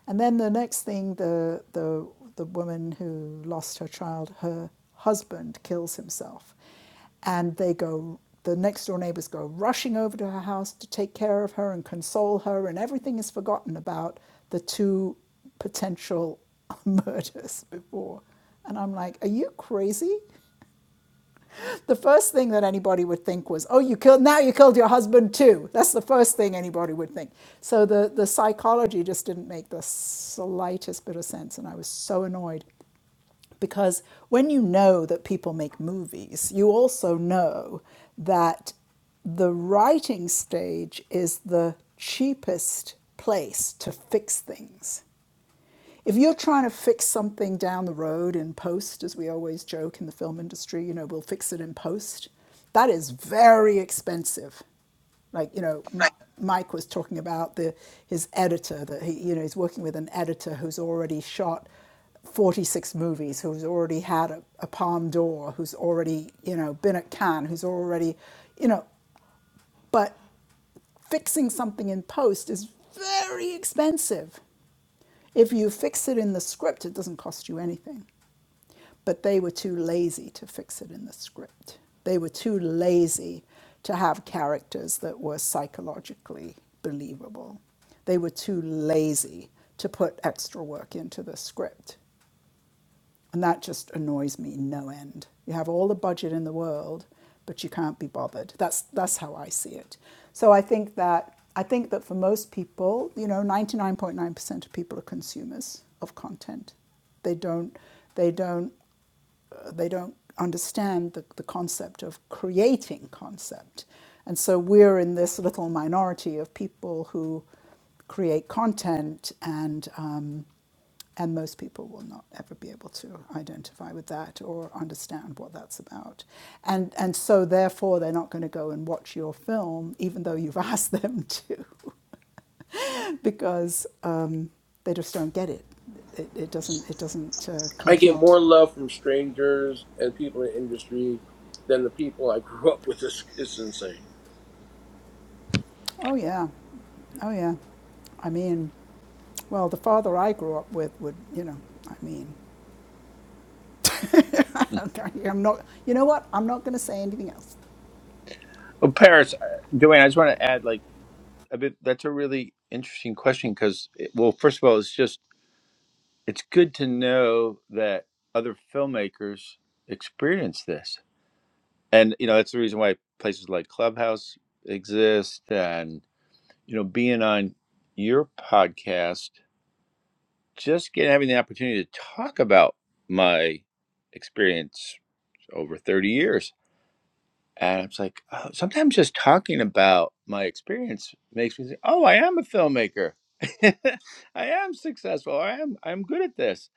And then the next thing, the, the, the woman who lost her child, her husband kills himself. And they go, the next door neighbors go rushing over to her house to take care of her and console her, and everything is forgotten about the two potential *laughs* murders before. And I'm like, are you crazy? the first thing that anybody would think was, "Oh, you killed now you killed your husband too." That's the first thing anybody would think. So the the psychology just didn't make the slightest bit of sense, and I was so annoyed because when you know that people make movies, you also know that the writing stage is the cheapest place to fix things if you're trying to fix something down the road in post, as we always joke in the film industry, you know, we'll fix it in post, that is very expensive. Like, you know, Mi- Mike was talking about the, his editor, that he, you know, he's working with an editor who's already shot 46 movies, who's already had a, a Palme d'Or, who's already, you know, been at Cannes, who's already, you know, but fixing something in post is very expensive. If you fix it in the script, it doesn't cost you anything. But they were too lazy to fix it in the script. They were too lazy to have characters that were psychologically believable. They were too lazy to put extra work into the script. And that just annoys me no end. You have all the budget in the world, but you can't be bothered. That's that's how I see it. So I think that I think that for most people, you know, 99.9% of people are consumers of content. They don't they don't uh, they don't understand the, the concept of creating concept. And so we're in this little minority of people who create content, and, um, and most people will not ever be able to identify with that or understand what that's about. And, and so, therefore, they're not going to go and watch your film, even though you've *laughs* asked them to, *laughs* because uh, they just don't get it. It, it doesn't, it doesn't uh, I get compute. more love from strangers and people in the industry than the people I *laughs* grew up with. It's, it's insane. Oh, yeah. Oh, yeah. I mean, Well, the father I grew up with would, you know, I mean, Mm. *laughs* I'm not, you know what? I'm not going to say anything else. Well, Paris, uh, Joanne, I just want to add, like, a bit. That's a really interesting question because, well, first of all, it's just it's good to know that other filmmakers experience this, and you know that's the reason why places like Clubhouse exist, and you know being on your podcast just getting having the opportunity to talk about my experience over 30 years. And it's like, oh, sometimes just talking about my experience makes me think, oh, I am a filmmaker. *laughs* I am successful. I am I'm good at this.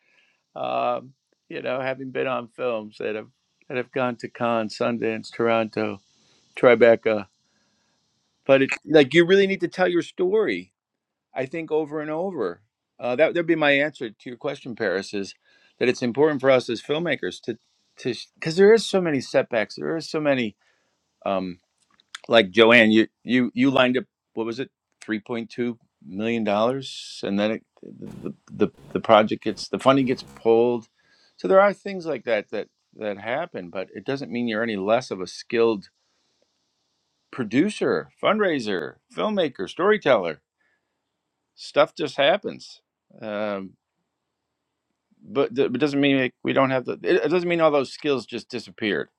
Um, you know, having been on films that have that have gone to Cannes, Sundance, Toronto, Tribeca. But it, like you really need to tell your story I think over and over. Uh, that would be my answer to your question, Paris, is that it's important for us as filmmakers to to because there is so many setbacks. There are so many um, like Joanne, you you you lined up what was it, three point two million dollars, and then it, the, the the project gets the funding gets pulled. So there are things like that that that happen, but it doesn't mean you're any less of a skilled producer, fundraiser, filmmaker, storyteller. Stuff just happens. Um, but th- it doesn't mean like, we don't have the. It, it doesn't mean all those skills just disappeared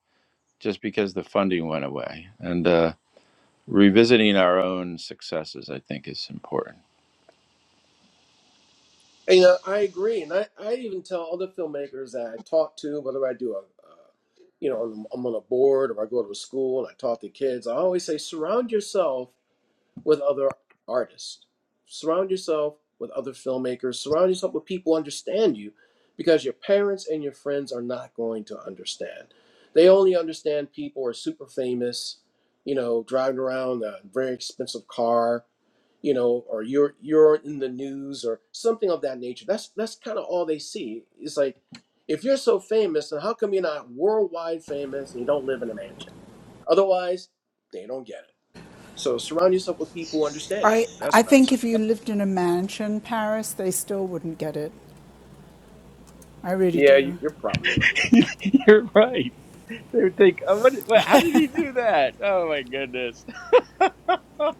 just because the funding went away. And uh, revisiting our own successes, I think, is important. And, you know, I agree, and I, I even tell other filmmakers that I talk to, whether I do a, uh, you know, I'm on a board or I go to a school and I talk to kids. I always say, surround yourself. with other artists. Surround yourself with other filmmakers. Surround yourself with people who understand you because your parents and your friends are not going to understand. They only understand people who are super famous, you know, driving around a very expensive car, you know, or you're you're in the news or something of that nature. That's that's kind of all they see. It's like if you're so famous, then how come you're not worldwide famous and you don't live in a mansion? Otherwise, they don't get it. So surround yourself with people who understand you. I, I That's what I think said. if you lived in a mansion in Paris, they still wouldn't get it. I really Yeah, you, do. you're probably right. *laughs* You're right. They would think, oh, what, what, how did he do that? Oh my goodness. *laughs*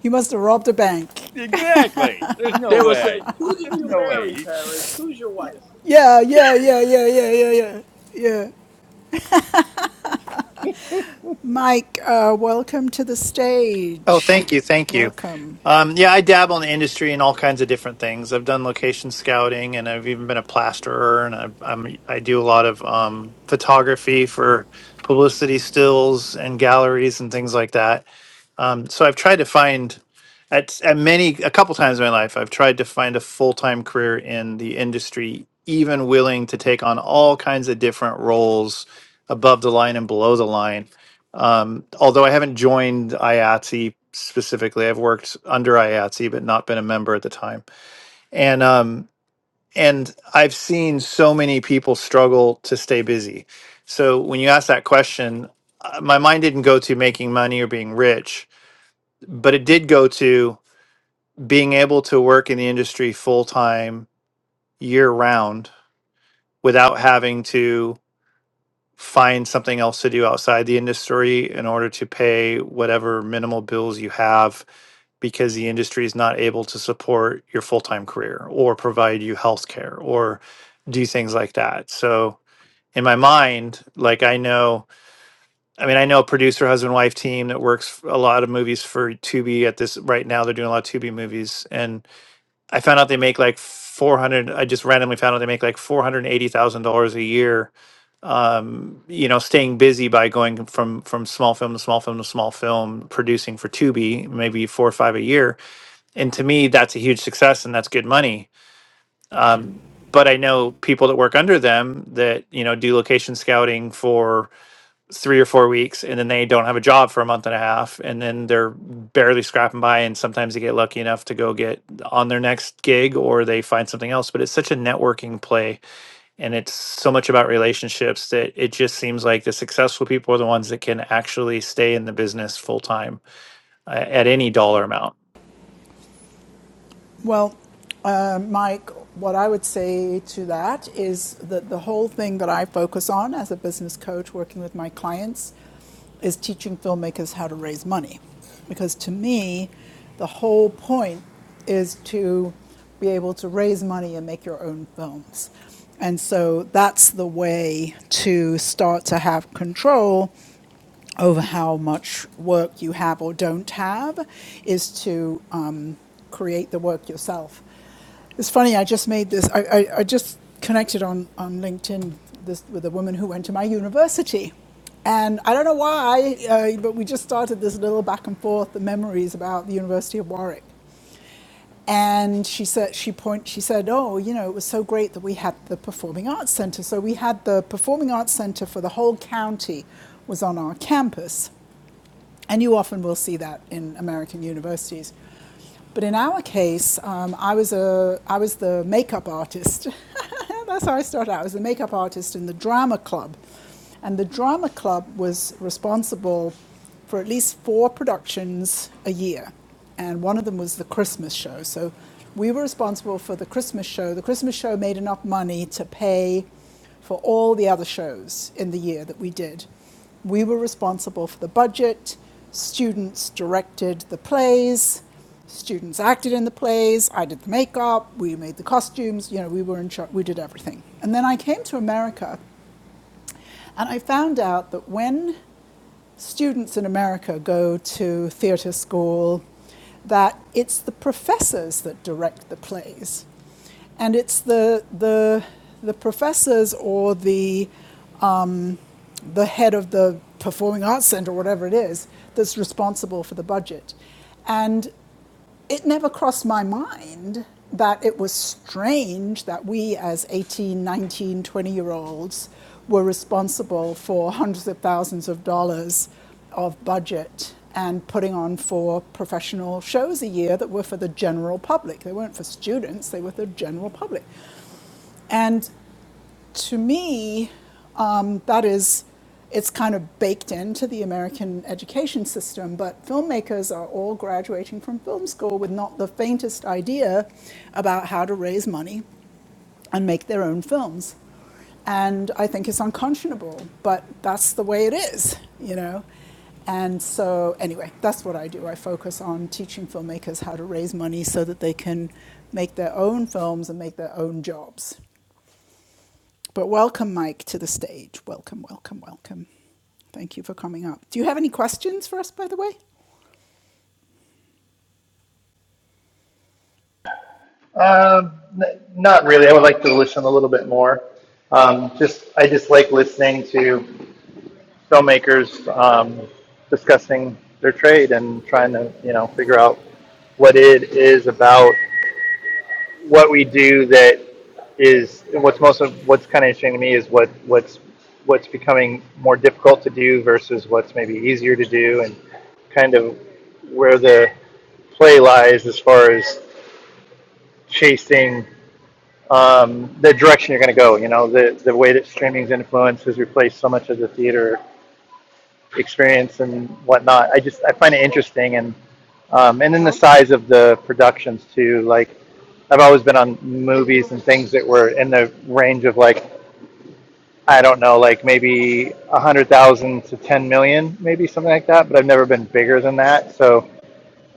You must have robbed a bank. exactly. There's no They would say, way. "Who did There's you no marry, way. Paris? Who's your wife?" Yeah, yeah, yeah, yeah, yeah, yeah, yeah. Yeah. *laughs* Mike, uh, welcome to the Oh, stage. thank you, thank you. Welcome. Um, yeah, I dabble in the industry and all kinds of different things. I've done location scouting, and I've even been a plasterer, and I've, I'm I do a lot of um, photography for publicity stills and galleries and things like that. Um, so I've tried to find at at many a couple times in my life I've tried to find a full time career in the industry, even willing to take on all kinds of different roles above the line and below the line. Um, although I haven't joined IATSE specifically, I've worked under IATSE but not been a member at the time. And um, and I've seen so many people struggle to stay busy. So when you ask that question, uh, my mind didn't go to making money or being rich but it did go to being able to work in the industry full time year round without having to find something else to do outside the industry in order to pay whatever minimal bills you have because the industry is not able to support your full-time career or provide you health care or do things like that. So in my mind, like I know, I mean, I know a producer husband wife team that works a lot of movies for Tubi at this right now. They're doing a lot of Tubi movies, and I found out they make like four hundred. I just randomly found out they make like four hundred eighty thousand dollars a year. Um, you know, staying busy by going from from small film to small film to small film, producing for Tubi, maybe four or five a year. And to me, that's a huge success and that's good money. Um, but I know people that work under them that you know do location scouting for three or four weeks and then they don't have a job for a month and a half and then they're barely scrapping by and sometimes they get lucky enough to go get on their next gig or they find something else but it's such a networking play and it's so much about relationships that it just seems like the successful people are the ones that can actually stay in the business full time a- at any dollar amount. Well, uh, Mike, what I would say to that is that the whole thing that I focus on as a business coach working with my clients is teaching filmmakers how to raise money. Because to me, the whole point is to be able to raise money and make your own films. And so that's the way to start to have control over how much work you have or don't have is to um, create the work yourself. It's funny. I just made this. I, I, I just connected on on LinkedIn this with a woman who went to my university, and I don't know why, uh, but we just started this little back and forth, the memories about the University of Warwick, and she said she point she said, oh, you know, it was so great that we had the Performing Arts Center. So we had the Performing Arts Center for the whole county was on our campus. And you often will see that in American universities. But in our case, um, I, was a, I was the makeup artist. *laughs* That's how I started out. I was the makeup artist in the drama club. And the drama club was responsible for at least four productions a year. And one of them was the Christmas show. So we were responsible for the Christmas show. The Christmas show made enough money to pay for all the other shows in the year that we did. We were responsible for the budget, students directed the plays, students acted in the plays, I did the makeup, we made the costumes, you know, we were in charge, we did everything. And then I came to America and I found out that when students in America go to theatre school, that it's the professors that direct the plays. And it's the, the, the professors or the the head of the Performing Arts Centre, whatever it is, that's responsible for the budget. And it never crossed my mind that it was strange that we, as 18, 19, 20 year olds, were responsible for hundreds of thousands of dollars of budget and putting on four professional shows a year that were for the general public. They weren't for students, they were for the general public. And to me, um, that is, it's kind of baked into the American education system, but filmmakers are all graduating from film school with not the faintest idea about how to raise money and make their own films. And I think it's unconscionable, but that's the way it is, you know? And so, anyway, that's what I do. I focus on teaching filmmakers how to raise money so that they can make their own films and make their own jobs. But welcome, Mike, to the stage. Welcome, welcome, welcome. Thank you for coming up. Do you have any questions for us, by the way? Um, n- not really. I would like to listen a little bit more. Um, just I just like listening to filmmakers um, discussing their trade and trying to you know figure out what it is about what we do is what's most of what's kind of interesting to me is what what's what's becoming more difficult to do versus what's maybe easier to do and kind of where the play lies as far as chasing um, the direction you're going to go you know the the way that streaming's influence has replaced so much of the theater experience and whatnot i just i find it interesting and um, and then the size of the productions too like i've always been on movies and things that were in the range of like I don't know, like maybe a hundred thousand to ten million, maybe something like that. But I've never been bigger than that. So,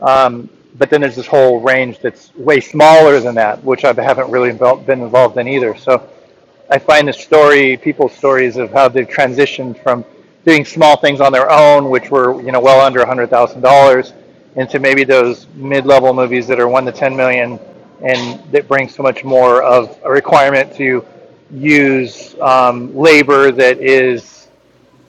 um, but then there's this whole range that's way smaller than that, which I haven't really been involved in either. So I find the story, people's stories of how they've transitioned from doing small things on their own, which were you know well under one hundred thousand dollars, into maybe those mid-level movies that are one to ten million, and that bring so much more of a requirement to use um, labor that is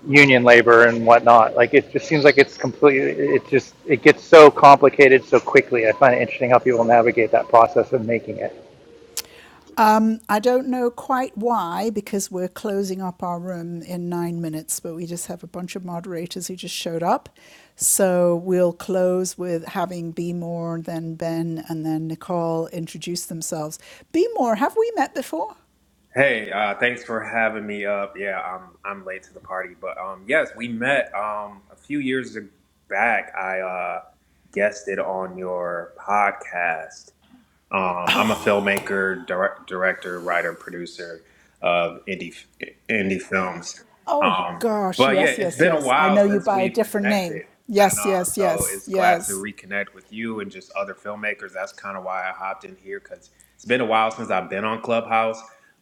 union labor and whatnot. Like it just seems like it's completely. It just it gets so complicated so quickly. I find it interesting how people navigate that process of making it. I don't know quite why, because we're closing up our room in nine minutes, but we just have a bunch of moderators who just showed up. So we'll close with having Be More, then Ben, and then Nicole introduce themselves. Be More, have we met before? Hey, uh, thanks for having me up. Yeah, I'm I'm late to the party, but um, yes, we met um a few years ag- back. I uh guested on your podcast, um, I'm a filmmaker, direct, director, writer, producer of indie f- indie films. Oh Um, gosh, but yeah, yes, it's yes, been a yes. I while know you since by a we've different name. connected, and Yes, uh, yes, so yes, it's glad to yes. reconnect with you and just other filmmakers. That's kind of why I hopped in here because it's been a while since I've been on Clubhouse.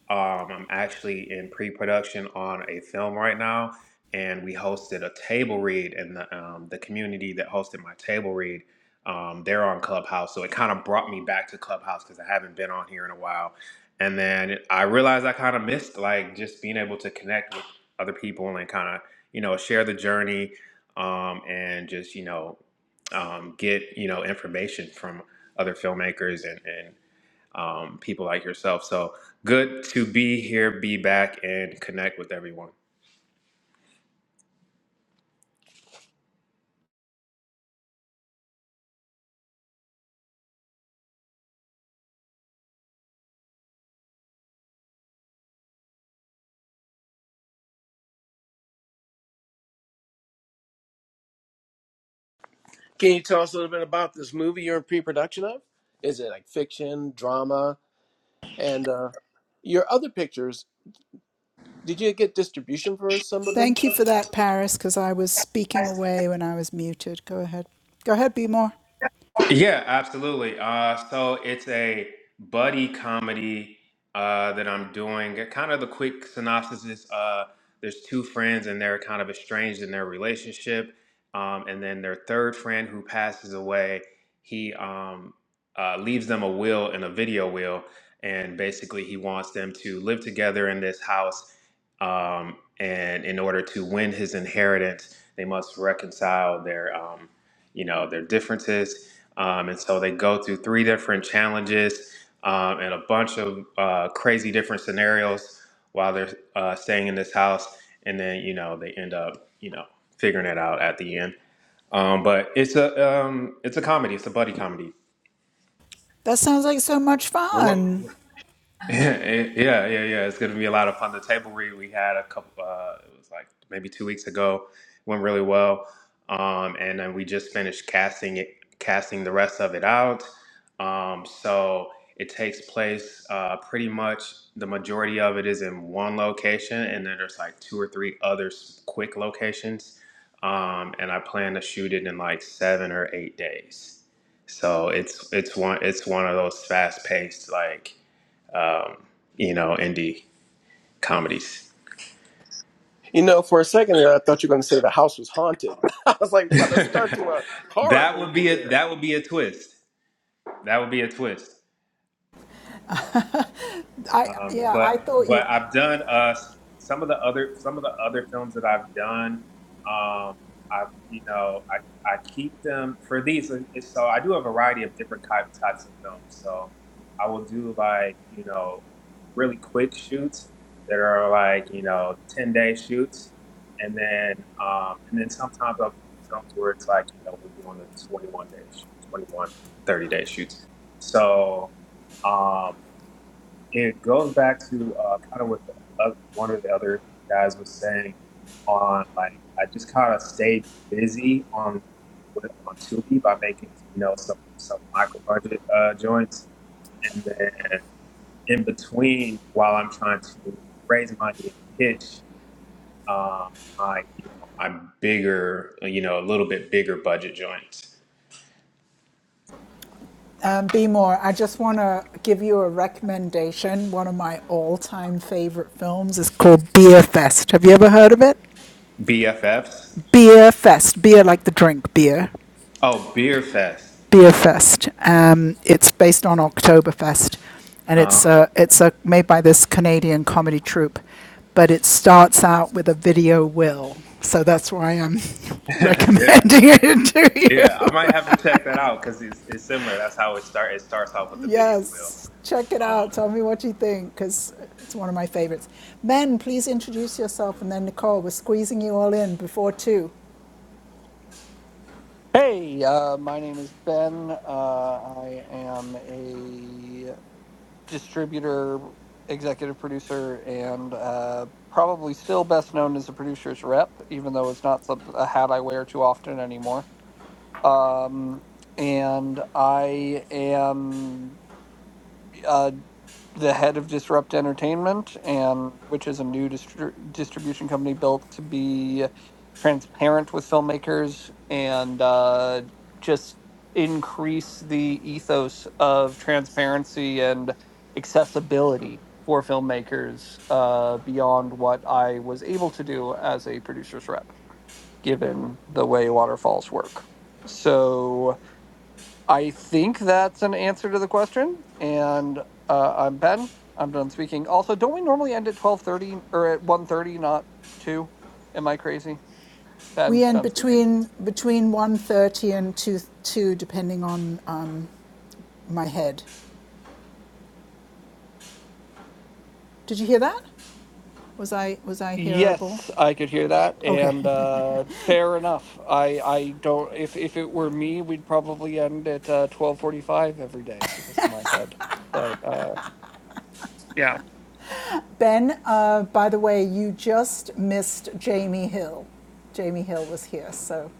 Um, I'm actually in pre-production on a film right now, and we hosted a table read, and the um, the community that hosted my table read um, they're on Clubhouse, so it kind of brought me back to Clubhouse because I haven't been on here in a while. And then I realized I kind of missed like just being able to connect with other people and kind of you know share the journey um, and just you know um, get you know information from other filmmakers and and um, people like yourself. So good to be here, be back, and connect with everyone. Can you tell us a little bit about this movie you're in pre-production of? Is it like fiction, drama, and uh, your other pictures? Did you get distribution for some of them? Thank you for that, Paris, because I was speaking away when I was muted. Go ahead. Go ahead, Be More. Yeah, absolutely. Uh, so it's a buddy comedy uh, that I'm doing. Kind of the quick synopsis is uh, there's two friends and they're kind of estranged in their relationship. Um, and then their third friend who passes away, he um, uh, leaves them a will and a video will. And basically, he wants them to live together in this house. Um, and in order to win his inheritance, they must reconcile their, um, you know, their differences um, and so they go through three different challenges um, and a bunch of uh, crazy different scenarios while they're uh, staying in this house. And then, you know, they end up, you know, figuring it out at the end. Um, but it's a um, it's a comedy. It's a buddy comedy. That sounds like so much fun. *laughs* Yeah, yeah, yeah, yeah. It's going to be a lot of fun. The table read we had a couple, uh, it was like maybe two weeks ago, went really well. Um, and then we just finished casting it, casting the rest of it out. Um, so it takes place uh, pretty much the majority of it is in one location, and then there's like two or three other s- quick locations. Um, and I plan to shoot it in like seven or eight days. So it's it's one it's one of those fast paced like um, you know, indie comedies. You know, for a second there, I thought you were going to say the house was haunted. *laughs* I was *laughs* like, let us start that to a horror would movie be a there." that would be a twist. That would be a twist. *laughs* I Um, yeah, but I thought you but I've done uh some of the other some of the other films that I've done. Um, I've you know I I keep them for these. uh, it's- So I do a variety of different type, types of films. So I will do like you know really quick shoots that are like you know ten day shoots, and then um, and then sometimes I'll do the films where it's like you know we're doing a twenty one day sh- 21, day shoots. So. Um, it goes back to uh, kind of what the, uh, one of the other guys was saying on like I just kind of stayed busy on with on Tubi by making you know some some micro budget uh, joints, and then in between while I'm trying to raise money and pitch um, my you know my bigger you know a little bit bigger budget joints um, be more. I just want to give you a recommendation. One of my all-time favorite films is called Beer Fest. Have you ever heard of it? BFFs Beer Fest. Beer like the drink beer. oh Beer Fest Beer Fest. Um, it's based on Oktoberfest, and uh, it's a, it's a, made by this Canadian comedy troupe. But it starts out with a video will, so that's why I'm *laughs* *laughs* yeah recommending it to Yeah, you. I might have to check that out because it's, it's similar. That's how it start. It starts off with the video wheel. Yes, check it out. Um, Tell me what you think, because it's one of my favorites. Men, please introduce yourself, and then Nicole. We're squeezing you all in before two. Hey, uh, my name is Ben. Uh, I am a distributor, executive producer, and uh, probably still best known as a producer's rep, even though it's not some, a hat I wear too often anymore. Um, and I am. uh, the head of Disrupt Entertainment, and which is a new distri- distribution company built to be transparent with filmmakers and uh, just increase the ethos of transparency and accessibility for filmmakers uh, beyond what I was able to do as a producer's rep, given the way waterfalls work. So I think that's an answer to the question. And uh, I'm Ben. I'm done speaking. Also, don't we normally end at twelve thirty or at one thirty, not two? Am I crazy? Ben, We end done speaking. between between 1.30 and two two, depending on um, my head. Did you hear that? Was I, was I hearable? Yes, I could hear that, Okay. and uh, fair enough. I I don't. If if it were me, we'd probably end at uh, twelve forty five every day because of my head. But uh, yeah. *laughs* Ben, uh, by the way, you just missed Jamie Hill. Jamie Hill was here, so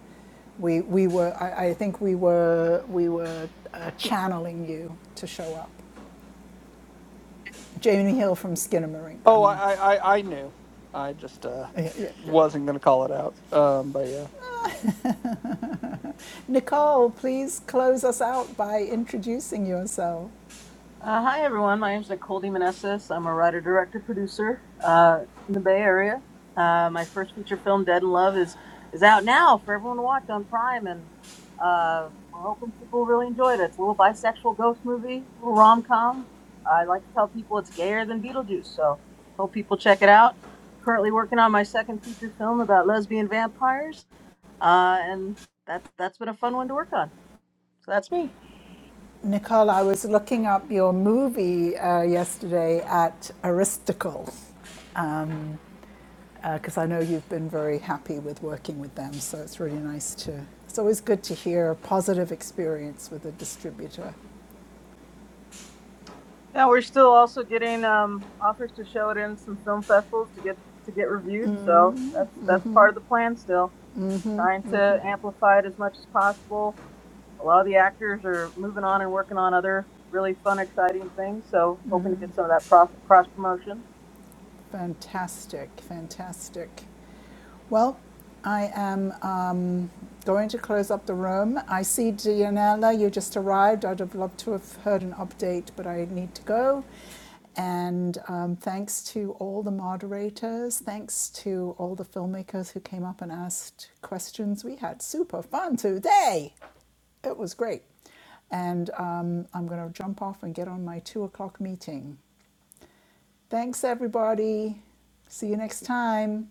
we, we were, I, I think we were, we were uh, channeling you to show up. Jamie Hill from Skinnamarink, I Oh, mean. I I I I knew. I just uh, Yeah, yeah, yeah. wasn't gonna call it out. Um, but yeah. Nicole, please close us out by introducing yourself. Uh, hi, everyone. My name is Nicole DeMonesis. I'm a writer, director, producer uh, in the Bay Area. Uh, my first feature film, Dead in Love, is is out now for everyone to watch on Prime, and uh, we're hoping people really enjoy it. It's a little bisexual ghost movie, a little rom com. I like to tell people it's gayer than Beetlejuice, so hope people check it out. Currently working on my second feature film about lesbian vampires, uh, and that's that's been a fun one to work on. So that's me. Nicole, I was looking up your movie uh, yesterday at Aristocle. Um, because uh, I know you've been very happy with working with them. So it's really nice to. It's always good to hear a positive experience with a distributor. Yeah, we're still also getting um, offers to show it in some film festivals to get to get reviewed. So that's that's part of the plan still. Trying to amplify it as much as possible. A lot of the actors are moving on and working on other really fun, exciting things. So hoping to get some of that pro- cross promotion. Fantastic, fantastic. Well, I am um, going to close up the room. I see Dianella, you just arrived. I'd have loved to have heard an update, but I need to go. And um, thanks to all the moderators, thanks to all the filmmakers who came up and asked questions. We had super fun today. It was great. And um, I'm going to jump off and get on my two o'clock meeting. Thanks, everybody. See you next time.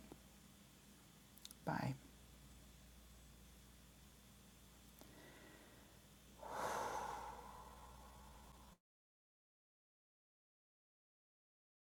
Bye.